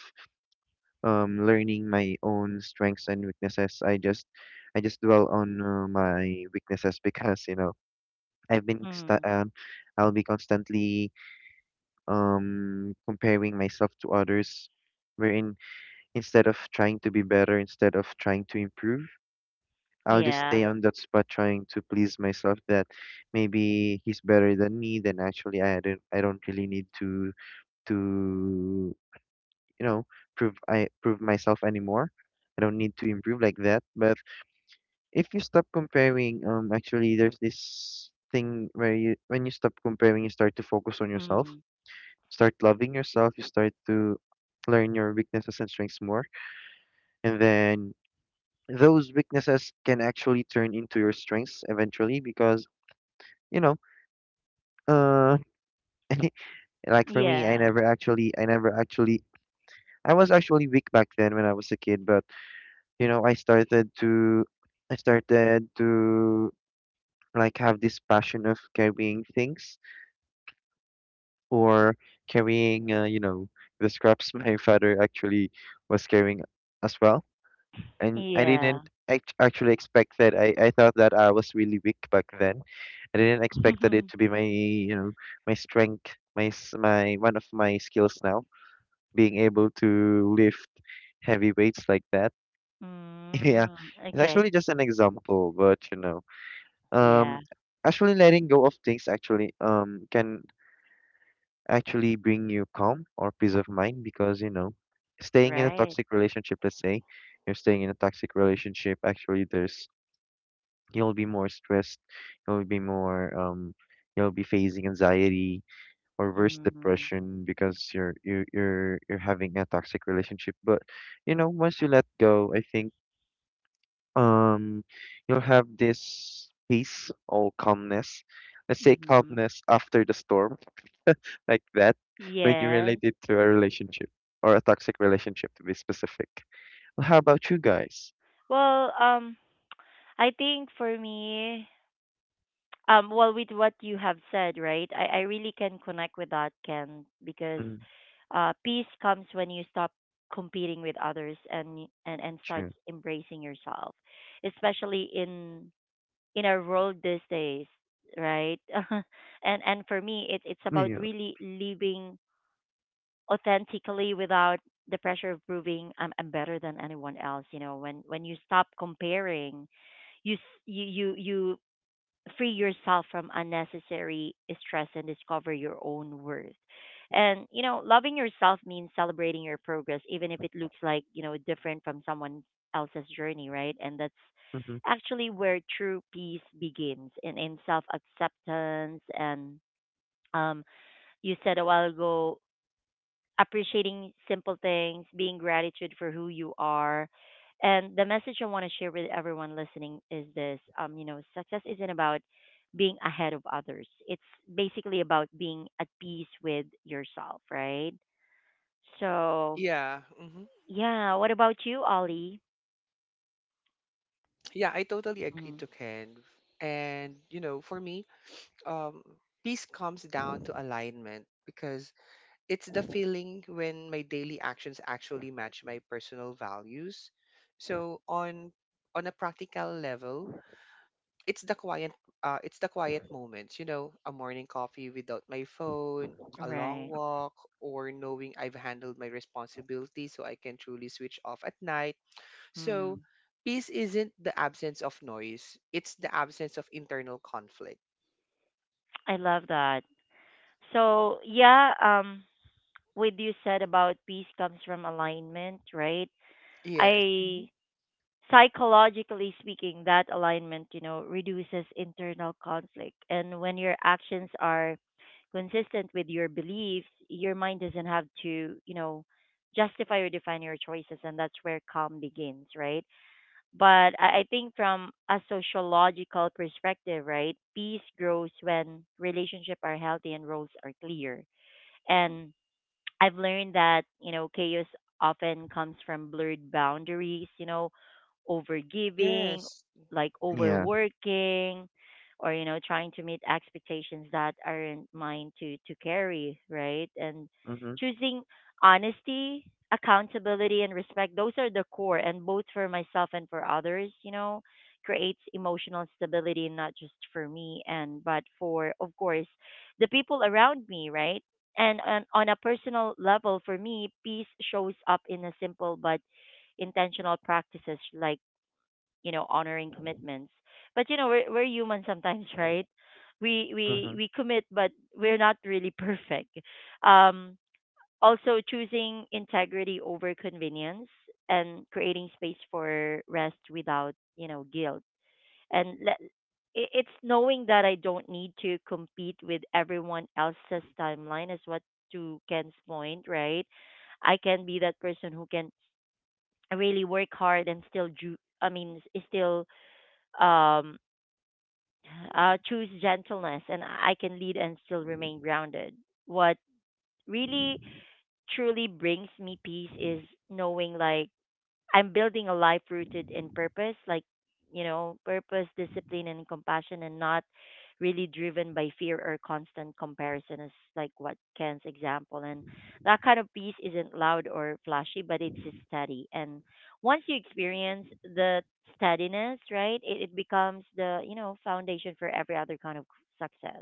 Speaker 2: um, learning my own strengths and weaknesses, I just dwell on my weaknesses because you know I've been sta-
Speaker 1: Mm.
Speaker 2: um, I'll be constantly comparing myself to others, wherein instead of trying to be better, instead of trying to improve, I'll just stay
Speaker 1: Yeah.
Speaker 2: on that spot trying to please myself that maybe he's better than me. Then actually I don't really need to, you know, prove I prove myself anymore. I don't need to improve like that. But if you stop comparing, actually, there's this thing where you when you stop comparing, you start to focus on yourself,
Speaker 1: Mm.
Speaker 2: start loving yourself, you start to learn your weaknesses and strengths more, and then those weaknesses can actually turn into your strengths eventually because, you know, uh like for me,
Speaker 1: Yeah.
Speaker 2: I never actually I was actually weak back then when I was a kid, but you know, I started to like have this passion of carrying things or carrying, you know, the scraps my father actually was carrying as well. And I
Speaker 1: Yeah.
Speaker 2: didn't actually expect that. I thought that I was really weak back then. I didn't expect that it to be my, you know, my strength, my one of my skills now, being able to lift heavy weights like that. Yeah,
Speaker 1: mm.
Speaker 2: it's
Speaker 1: Okay.
Speaker 2: actually just an example, but you know.
Speaker 1: Yeah.
Speaker 2: Um, actually, letting go of things actually can actually bring you calm or peace of mind because, you know, staying in a
Speaker 1: Right.
Speaker 2: toxic relationship, let's say you're staying in a toxic relationship, actually there's you'll be more stressed, you'll be more you'll be facing anxiety or worse
Speaker 1: Mm.
Speaker 2: depression because you're having a toxic relationship. But you know, once you let go, I think um you'll have this peace or calmness, let's say
Speaker 1: Mm-hmm.
Speaker 2: calmness after the storm like that, when you
Speaker 1: Yeah.
Speaker 2: relate it to a relationship or a toxic relationship to be specific. Well, how about you guys?
Speaker 1: Well, I think for me, well, with what you have said, right? I really can connect with that, Ken, because
Speaker 2: Mm,
Speaker 1: peace comes when you stop competing with others and and starts
Speaker 2: true.
Speaker 1: embracing yourself, especially in our world these days, right? And for me, it's about
Speaker 2: Yeah.
Speaker 1: really living authentically without the pressure of proving I'm better than anyone else. You know, when you stop comparing you free yourself from unnecessary stress and discover your own worth. And you know, loving yourself means celebrating your progress, even if it looks like you know different from someone else's journey, right? And that's
Speaker 2: Mm-hmm.
Speaker 1: actually where true peace begins in self acceptance and um you said a while ago appreciating simple things, being gratitude for who you are. And the message I want to share with everyone listening is this you know, success isn't about being ahead of others. It's basically about being at peace with yourself, right? So,
Speaker 3: Yeah. Mm-hmm.
Speaker 1: yeah, what about you, Ollie?
Speaker 3: Yeah, I totally agree
Speaker 1: Mm,
Speaker 3: to Ken. And, you know, for me, um, peace comes down to alignment because it's the feeling when my daily actions actually match my personal values. So on a practical level, it's the quiet it's the quiet moments, you know, a morning coffee without my phone, a long
Speaker 1: right.
Speaker 3: walk, or knowing I've handled my responsibilities so I can truly switch off at night. So,
Speaker 1: Mm,
Speaker 3: peace isn't the absence of noise, it's the absence of internal conflict.
Speaker 1: I love that. So, yeah, what you said about peace comes from alignment, right?
Speaker 3: Yes.
Speaker 1: I
Speaker 3: Mhm.
Speaker 1: psychologically speaking, that alignment, you know, reduces internal conflict. And when your actions are consistent with your beliefs, your mind doesn't have to, you know, justify or define your choices. And that's where calm begins, right? But I think from a sociological perspective, right, peace grows when relationships are healthy and roles are clear. And I've learned that, you know, chaos often comes from blurred boundaries, you know, overgiving,
Speaker 3: Yes,
Speaker 1: like
Speaker 2: Yeah.
Speaker 3: definitely.
Speaker 1: overworking, or, you know, trying to meet expectations that aren't mine to carry, right? And
Speaker 2: Mm-hmm.
Speaker 1: choosing honesty, accountability, and respect, those are the core, and both for myself and for others, you know, creates emotional stability, not just for me, but for, of course, the people around me, right? And on a personal level, for me, peace shows up in a simple but intentional practices like you know honoring commitments. But you know we're human sometimes, right? We we
Speaker 2: Mm-hmm.
Speaker 1: we commit, but we're not really perfect. Um, Also choosing integrity over convenience and creating space for rest without you know guilt and it's knowing that I don't need to compete with everyone else's timeline is what to Ken's point, right? I can be that person who can really work hard and still I mean still um choose gentleness and I can lead and still remain grounded. What really truly brings me peace is knowing like I'm building a life rooted in purpose, like, you know, purpose, discipline, and compassion, and not really driven by fear or constant comparison, is like what Ken's example. And that kind of peace isn't loud or flashy, but it's just steady. And once you experience the steadiness, right, it becomes the, you know, foundation for every other kind of success,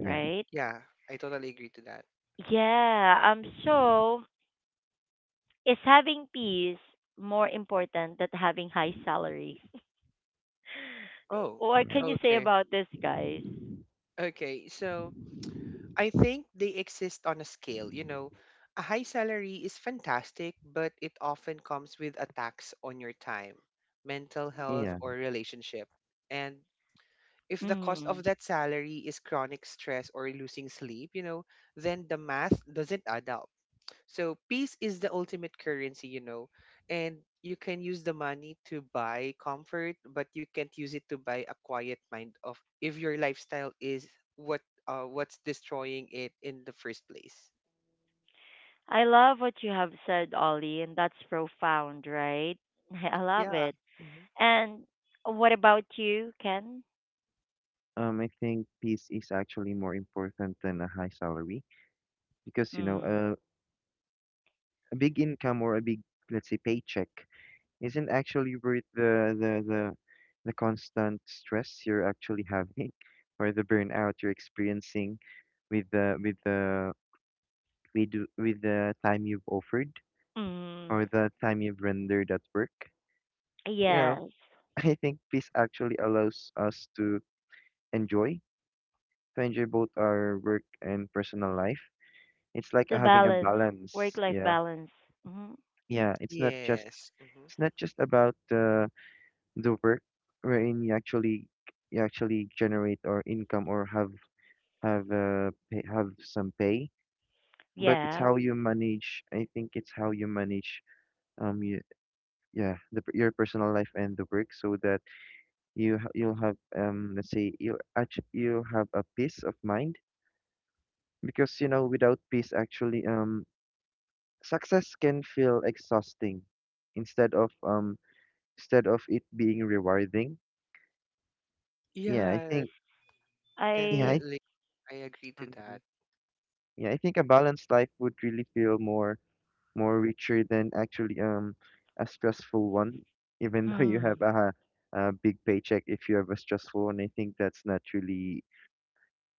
Speaker 2: Yeah.
Speaker 1: right?
Speaker 3: Yeah, I totally agree to that.
Speaker 1: Yeah. So, is having peace more important than having high salary?
Speaker 3: Oh,
Speaker 1: What
Speaker 2: Yeah.
Speaker 1: can you say
Speaker 3: okay.
Speaker 1: about this, guys?
Speaker 3: Okay, so I think they exist on a scale. You know, a high salary is fantastic, but it often comes with attacks on your time, mental health,
Speaker 2: Yeah.
Speaker 3: or relationship. And if the cost of
Speaker 1: Mm.
Speaker 3: that salary is chronic stress or losing sleep, you know, then the math doesn't add up. So peace is the ultimate currency, you know, and you can use the money to buy comfort, but you can't use it to buy a quiet mind of if your lifestyle is what what's destroying it in the first place.
Speaker 1: I love what you have said, Ollie, and that's profound, right? I love
Speaker 3: Yeah.
Speaker 1: it.
Speaker 3: Mhm.
Speaker 1: And what about you, Ken?
Speaker 2: I think peace is actually more important than a high salary because you know,
Speaker 1: Mm.
Speaker 2: a big income or a big, let's say paycheck, isn't actually worth the constant stress you're actually having or the burnout you're experiencing with with the time you've offered
Speaker 1: Mm.
Speaker 2: or the time you've rendered at work, you know.
Speaker 1: Yes,
Speaker 2: I think peace actually allows us enjoy to enjoy both our work and personal life. It's like
Speaker 1: the
Speaker 2: having a
Speaker 1: balance,
Speaker 2: balance,
Speaker 1: work-life
Speaker 2: yeah.
Speaker 1: balance. Hmm.
Speaker 2: Yeah it's not just
Speaker 3: Yes, hmm.
Speaker 2: it's not just about, the work wherein you actually generate or income or have pay, have some pay, but it's
Speaker 1: Yeah,
Speaker 2: how you manage, I think it's how you manage um you, yeah, your personal life and the work so that you'll have, let's say, you actually you have a peace of mind, because you know without peace actually success can feel exhausting instead of um instead of it being rewarding. Yeah, I
Speaker 3: Yeah,
Speaker 2: think yeah.
Speaker 1: I.
Speaker 3: definitely. I agree to
Speaker 2: Mm-hmm.
Speaker 3: that.
Speaker 2: Yeah, I think a balanced life would really feel more richer than actually, a stressful one, even though you
Speaker 1: Hmm.
Speaker 2: have a big paycheck if you have a stressful one. I think that's not really,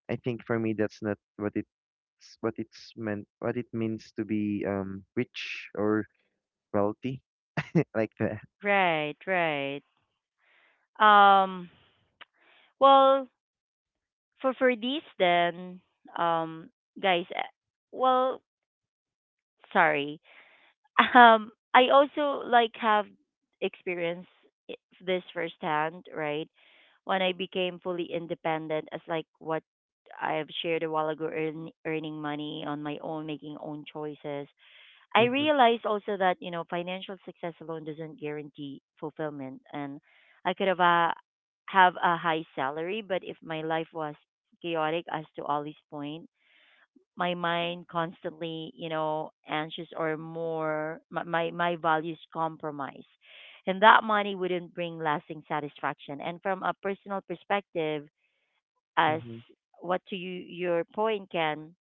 Speaker 2: I think for me that's not what it's meant, what it means to be rich or wealthy like that.
Speaker 1: Right, right. Um. Well, for these then, um, guys. Well, sorry. I also like have experienced this firsthand, right? When I became fully independent, as like what I've shared a while ago, earning money on my own, making own choices. I
Speaker 2: Mm-hmm.
Speaker 1: realized also that you know financial success alone doesn't guarantee fulfillment, and I could have a high salary, but if my life was chaotic, as to Ollie's point, my mind constantly, you know, anxious or more my values compromise. And that money wouldn't bring lasting satisfaction. And from a personal perspective, as
Speaker 2: Mm-hmm.
Speaker 1: what to you your point can,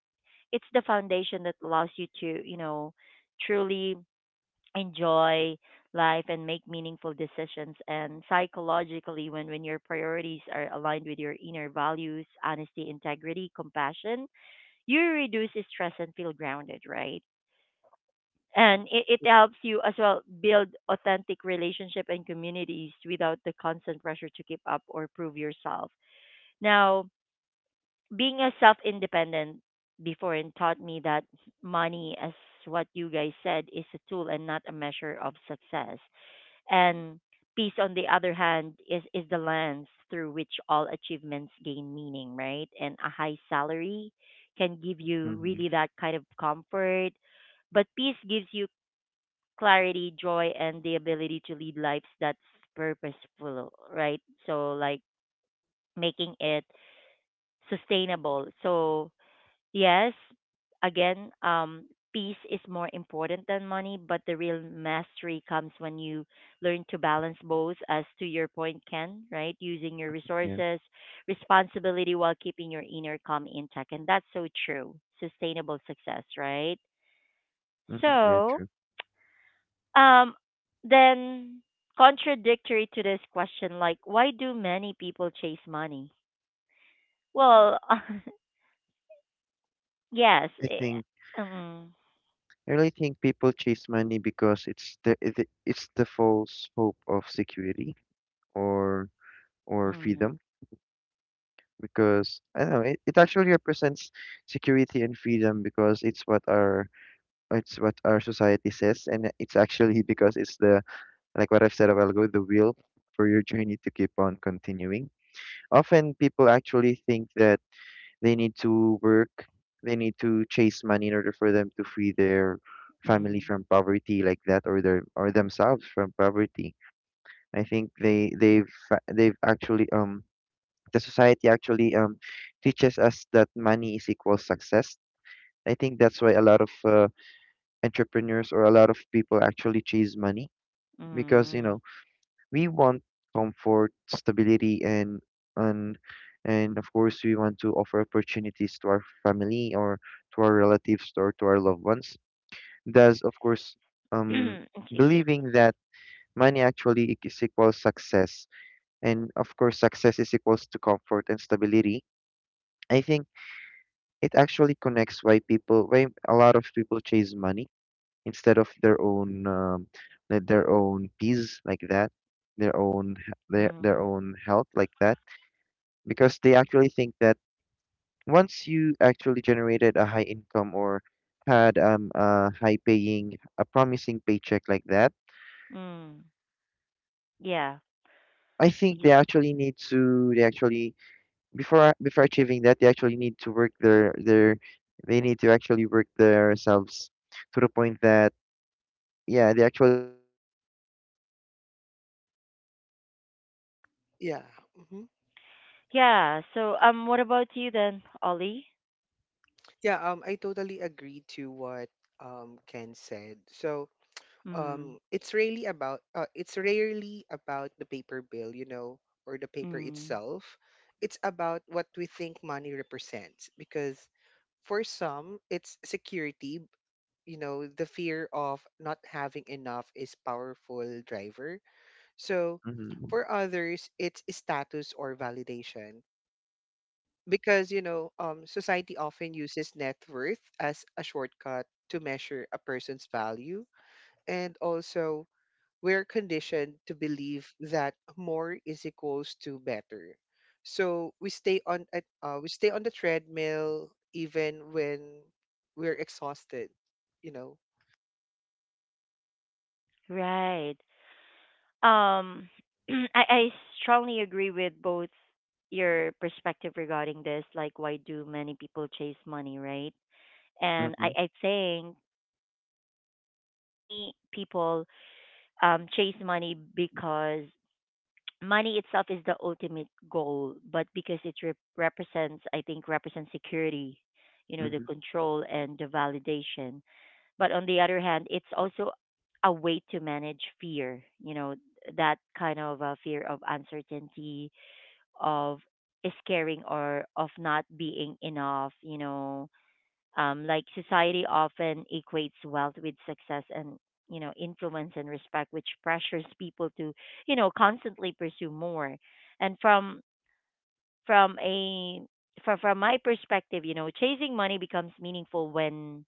Speaker 1: it's the foundation that allows you to, you know, truly enjoy life and make meaningful decisions and psychologically when your priorities are aligned with your inner values honesty integrity compassion you reduce stress and feel grounded, right? And it helps you as well build authentic relationship and communities without the constant pressure to keep up or prove yourself. Now, being a self independent before and taught me that money as what you guys said is a tool and not a measure of success. And peace, on the other hand, is the lens through which all achievements gain meaning, right? And a high salary can give you
Speaker 2: Mm-hmm.
Speaker 1: really that kind of comfort. But peace gives you clarity, joy, and the ability to lead lives that's purposeful, right? So, like making it sustainable. So, yes, again, peace is more important than money, but the real mastery comes when you learn to balance both, as to your point, Ken, right? Using your
Speaker 2: Yeah.
Speaker 1: resources, responsibility while keeping your inner calm intact. And that's so true. Sustainable success, right?
Speaker 2: Mm-hmm, yeah,
Speaker 1: So,
Speaker 2: true.
Speaker 1: um, then contradictory to this question, like, why do many people chase money? Well, yes.
Speaker 2: I think
Speaker 1: Um,
Speaker 2: I really think people chase money because it's it's the false hope of security or or
Speaker 1: mm,
Speaker 2: freedom, because I don't know it, it actually represents security and freedom because it's what our society says, and it's actually because it's the, like what I've said a while ago, the will for your journey to keep on continuing. Often people actually think that they need to work, they need to chase money in order for them to free their family
Speaker 1: mm.
Speaker 2: from poverty like that, or their or themselves from poverty. I think they've they've actually, the society actually teaches us that money is equal success. I think that's why a lot of, entrepreneurs or a lot of people actually chase money, because you know
Speaker 1: Mm.
Speaker 2: we want comfort, stability, and and and of course we want to offer opportunities to our family or to our relatives or to our loved ones. Thus, of course, um,
Speaker 1: Excuse
Speaker 2: believing that money actually is equal success, and of course success is equals to comfort and stability. I think it actually connects why people, why a lot of people chase money instead of their own, like their own peace like that,
Speaker 1: me.
Speaker 2: their
Speaker 1: Mm.
Speaker 2: own health like that, because they actually think that once you actually generated a high income or had, a high paying, a promising paycheck like that,
Speaker 1: Mm. Yeah.
Speaker 2: I think they
Speaker 1: Ye-
Speaker 2: actually need to, they actually before before achieving that, they actually need to work their they need to actually work themselves to the point that yeah, they actually start chasing money as if it's the most important thing.
Speaker 3: Yeah,
Speaker 2: Well,
Speaker 3: hmm.
Speaker 2: don't get me wrong, it's actually
Speaker 1: Yeah.
Speaker 2: important
Speaker 1: So,
Speaker 2: at some
Speaker 1: what
Speaker 2: point.
Speaker 1: about you then, Ollie?
Speaker 3: Yeah, I totally agree to what Ken said. So,
Speaker 1: Mm.
Speaker 3: it's really about it's rarely about the paper bill, you know, or the paper
Speaker 1: Mm.
Speaker 3: itself. It's about what we think money represents because for some, it's security. You know, the fear of not having enough is powerful driver. So,
Speaker 2: Mm-hmm.
Speaker 3: for others, it's status or validation, because you know society often uses net worth as a shortcut to measure a person's value, and also we're conditioned to believe that more is equals to better. So we stay on the treadmill even when we're exhausted, you know.
Speaker 1: Right. Um, I strongly agree with both your perspective regarding this. Like, why do many people chase money, right? And I,
Speaker 2: Mm-hmm.
Speaker 1: I think many people chase money because money itself is the ultimate goal, but because it represents, I think, represents security, you know, the
Speaker 2: Mm-hmm.
Speaker 1: control and the validation. But on the other hand, it's also a way to manage fear, you know, that kind of fear of uncertainty, of scaring or of not being enough, you know, like society often equates wealth with success and you know influence and respect, which pressures people to you know constantly pursue more. And from a from my perspective, you know, chasing money becomes meaningful when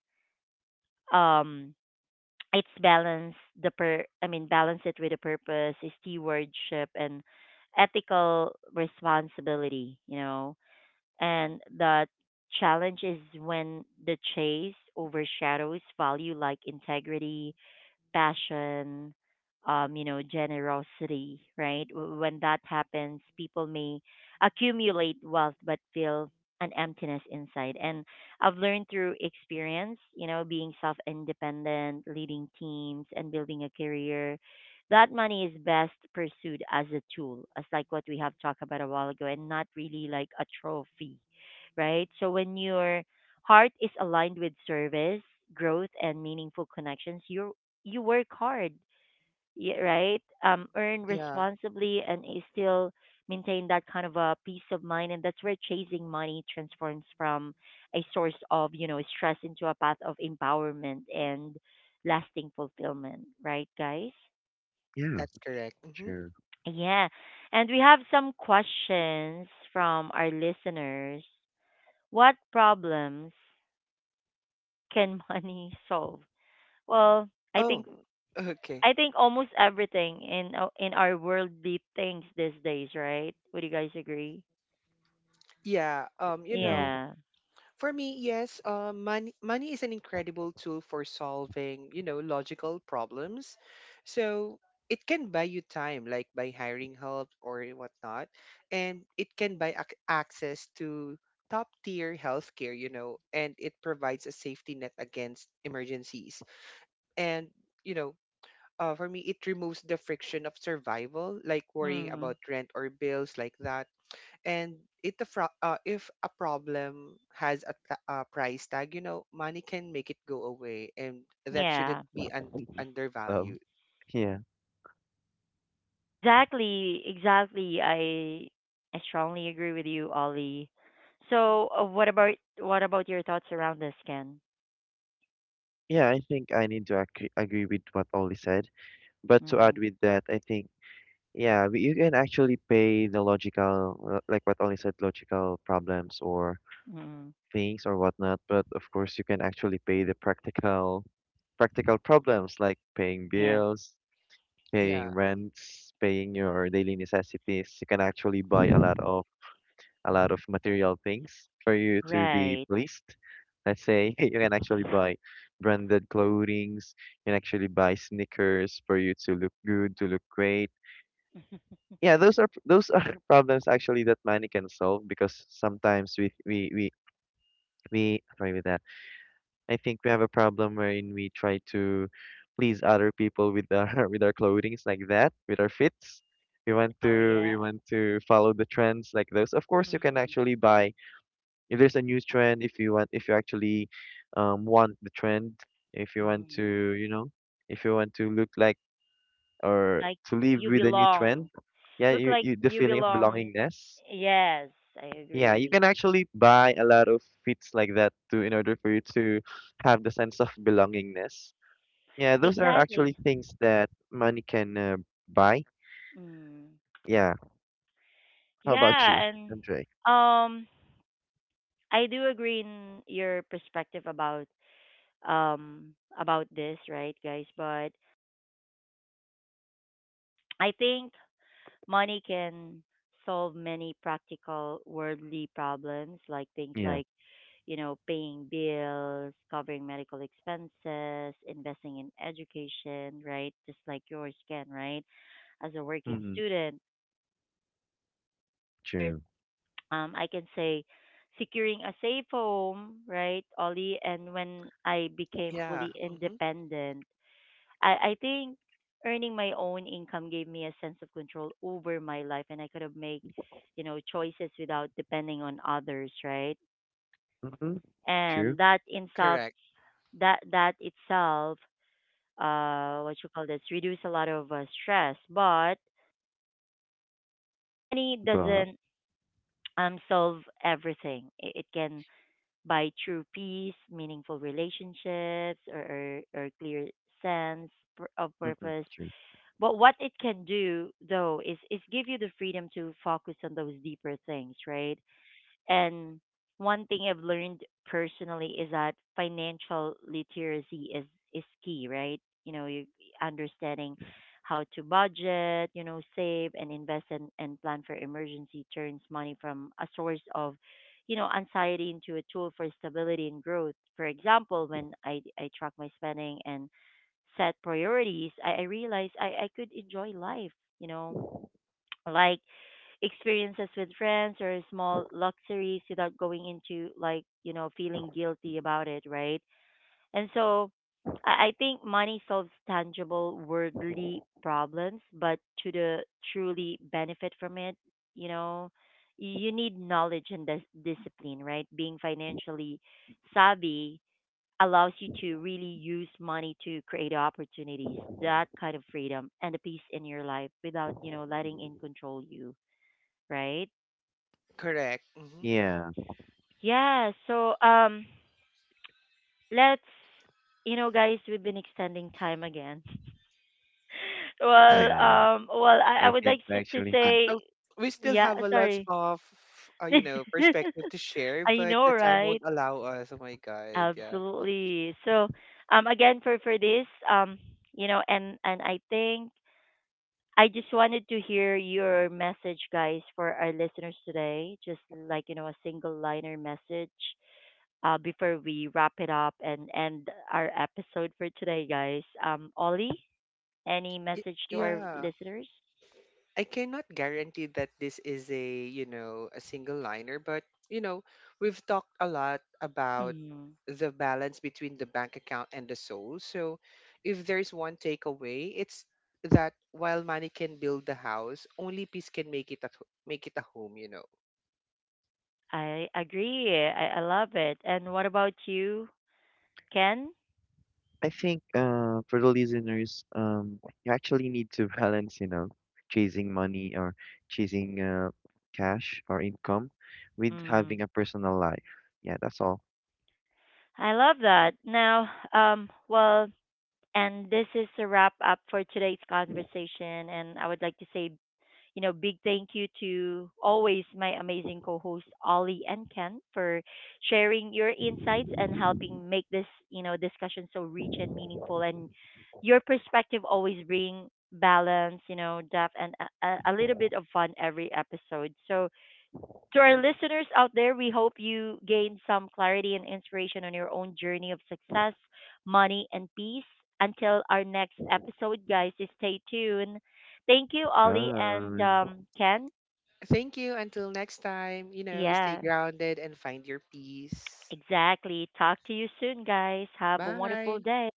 Speaker 1: um it's balanced the per I mean balance it with a purpose, stewardship and ethical responsibility, you know and the challenge is when the chase overshadows value like integrity, passion, you know, generosity, right? When that happens, people may accumulate wealth but feel an emptiness inside. And I've learned through experience, you know, being self independent, leading teams, and building a career. That money is best pursued as a tool, as like what we have talked about a while ago, and not really like a trophy, right? So when your heart is aligned with service, growth, and meaningful connections, your you work hard, right? Earn
Speaker 3: Yeah,
Speaker 1: responsibly and still maintain that kind of a peace of mind. And that's where chasing money transforms from a source of, you know, stress into a path of empowerment and lasting fulfillment, right, guys?
Speaker 2: Yeah,
Speaker 3: that's correct. Hmm.
Speaker 2: sure.
Speaker 1: Yeah. And we have some questions from our listeners. What problems can money solve? Well,
Speaker 3: Oh. Okay.
Speaker 1: I think almost everything in in our worldly things these days, right? Would you guys agree?
Speaker 3: Yeah, you
Speaker 2: Yeah,
Speaker 3: know,
Speaker 1: Yeah.
Speaker 3: for me, yes, money is an incredible tool for solving, you know, logical problems. So it can buy you time, like by hiring help or whatnot, and it can buy access to top tier healthcare, you know, and it provides a safety net against emergencies. And you know, for me, it removes the friction of survival, like worrying
Speaker 1: Mm.
Speaker 3: about rent or bills like that. And if a problem has a, a price tag, you know, money can make it go away, and that
Speaker 1: Yeah.
Speaker 3: shouldn't be
Speaker 2: well,
Speaker 3: undervalued.
Speaker 2: yeah.
Speaker 1: Exactly. Exactly. I strongly agree with you, Ollie. So, what about your thoughts around this, Ken?
Speaker 2: Yeah, I think I need to agree with what Oli said. But to
Speaker 1: Mm-hmm.
Speaker 2: add with that, I think, yeah, you can actually pay the logical, like what Oli said, logical problems or
Speaker 1: Mm-hmm.
Speaker 2: things or whatnot. But of course, you can actually pay the practical, practical problems like paying
Speaker 1: Yeah.
Speaker 2: bills, paying
Speaker 3: Yeah.
Speaker 2: rents, paying your daily necessities, you can actually buy a lot of material things for you to be
Speaker 1: Right.
Speaker 2: pleased. Let's say you can actually buy branded clothings, you can actually buy sneakers for you to look good, to look great. Yeah, those are problems actually that money can solve because sometimes we sorry with that, I think we have a problem wherein we try to please other people with our with our clothings like that, with our fits.
Speaker 1: Oh yeah.
Speaker 2: We want to follow the trends like those. Of course, you can
Speaker 1: Mm-hmm.
Speaker 2: actually buy if there's a new trend. If you want, if you actually want the trend, if you want
Speaker 1: Mm-hmm.
Speaker 2: to, you know, if you want to look like or
Speaker 1: Like
Speaker 2: to live
Speaker 1: you
Speaker 2: with a new trend,
Speaker 1: belong.
Speaker 2: yeah,
Speaker 1: Look like
Speaker 2: you the
Speaker 1: you
Speaker 2: feeling of
Speaker 1: belong.
Speaker 2: belongingness.
Speaker 1: Yes, I
Speaker 2: Yeah, you
Speaker 1: agree.
Speaker 2: can actually buy a lot of fits like that too in order for you to have the sense of belongingness. Yeah, those are
Speaker 1: Exactly.
Speaker 2: actually things that money can, buy.
Speaker 1: Mm.
Speaker 2: Yeah. How about
Speaker 1: Yeah,
Speaker 2: you,
Speaker 1: and
Speaker 2: Andre?
Speaker 1: um I do agree in your perspective about this, right, guys? But I think money can solve many practical worldly problems like things
Speaker 2: Yeah.
Speaker 1: like you know, paying bills, covering medical expenses, investing in education, right? Just like yours can, right? As a working
Speaker 2: Mm-hmm.
Speaker 1: student.
Speaker 2: True.
Speaker 1: I can say securing a safe home, right, Ollie? And when I became
Speaker 3: Yeah.
Speaker 1: fully
Speaker 3: Hmm.
Speaker 1: independent, I think earning my own income gave me a sense of control over my life and I could have made, you know, choices without depending on others, right?
Speaker 2: Mm-hmm. True.
Speaker 1: And that in self,
Speaker 3: Correct.
Speaker 1: that that itself what you call this reduce a lot of stress but money
Speaker 2: But
Speaker 1: doesn't solve everything it can by true peace, meaningful relationships, or clear sense of
Speaker 2: mm-hmm.
Speaker 1: purpose.
Speaker 2: True.
Speaker 1: But what it can do, though, is give you the freedom to focus on those deeper things, right? And one thing I've learned personally is that financial literacy is key, right? You know, you understanding how to budget, you know, save and invest and plan for emergency turns money from a source of, you know, anxiety into a tool for stability and growth. For example, when I track my spending and set priorities, I realized I could enjoy life, you know. Like experiences with friends or small luxuries without going into like you know feeling guilty about it right and so I think money solves tangible worldly problems but to the truly benefit from it you know you need knowledge and discipline right being financially savvy allows you to really use money to create opportunities that kind of freedom and the peace in your life without you know letting it control you right.
Speaker 3: Correct, hmm.
Speaker 2: Yeah.
Speaker 1: Yeah, so let's you know guys, we've been extending time again. Well,
Speaker 2: Yeah.
Speaker 1: well I
Speaker 2: I
Speaker 1: would
Speaker 2: think
Speaker 1: like to
Speaker 2: actually, if
Speaker 3: I,
Speaker 2: you-
Speaker 3: I,
Speaker 1: say
Speaker 3: we still
Speaker 1: yeah,
Speaker 3: have a lot
Speaker 1: sorry.
Speaker 3: of you know perspective to share,
Speaker 1: I
Speaker 3: but
Speaker 1: know,
Speaker 3: the time won't
Speaker 1: right?
Speaker 3: allow us. Oh my god. Yeah.
Speaker 1: Absolutely. So, again for this, you know, and I think I just wanted to hear your message guys for our listeners today, just like you know a single liner message before we wrap it up and end our episode for today, guys. Ollie, any
Speaker 3: Y-
Speaker 1: message to our
Speaker 3: yeah,
Speaker 1: listeners?
Speaker 3: I cannot guarantee that this is a, you know, a single liner, but you know, we've talked a lot about
Speaker 1: Mm,
Speaker 3: the balance between the bank account and the soul. So, if there's one takeaway, it's that while money can build the house, only peace can make it a home, you know.
Speaker 1: I agree. I love it. And what about you, Ken?
Speaker 2: I think for the listeners, you actually need to balance, you know, chasing money or chasing cash or income with having
Speaker 1: Mm,
Speaker 2: a personal life. Yeah, that's all.
Speaker 1: I love that. Now, well, and this is a wrap up for today's conversation. And I would like to say you know, big thank you to always my amazing co hosts, Ollie and Ken, for sharing your insights and helping make this, you know, discussion so rich and meaningful. And your perspective always bring balance, you know, depth, and a little bit of fun every episode. So, to our listeners out there, we hope you gained some clarity and inspiration on your own journey of success, money, and peace. Until our next episode, guys, stay tuned. Thank you,
Speaker 2: 拜
Speaker 1: Ollie and
Speaker 2: 拜。
Speaker 1: Ken.
Speaker 3: Thank you. Until next time, you know, stay
Speaker 1: Yeah,
Speaker 3: grounded and find your peace.
Speaker 1: exactly. Talk to you soon, guys. Have a wonderful
Speaker 3: Bye.
Speaker 1: day.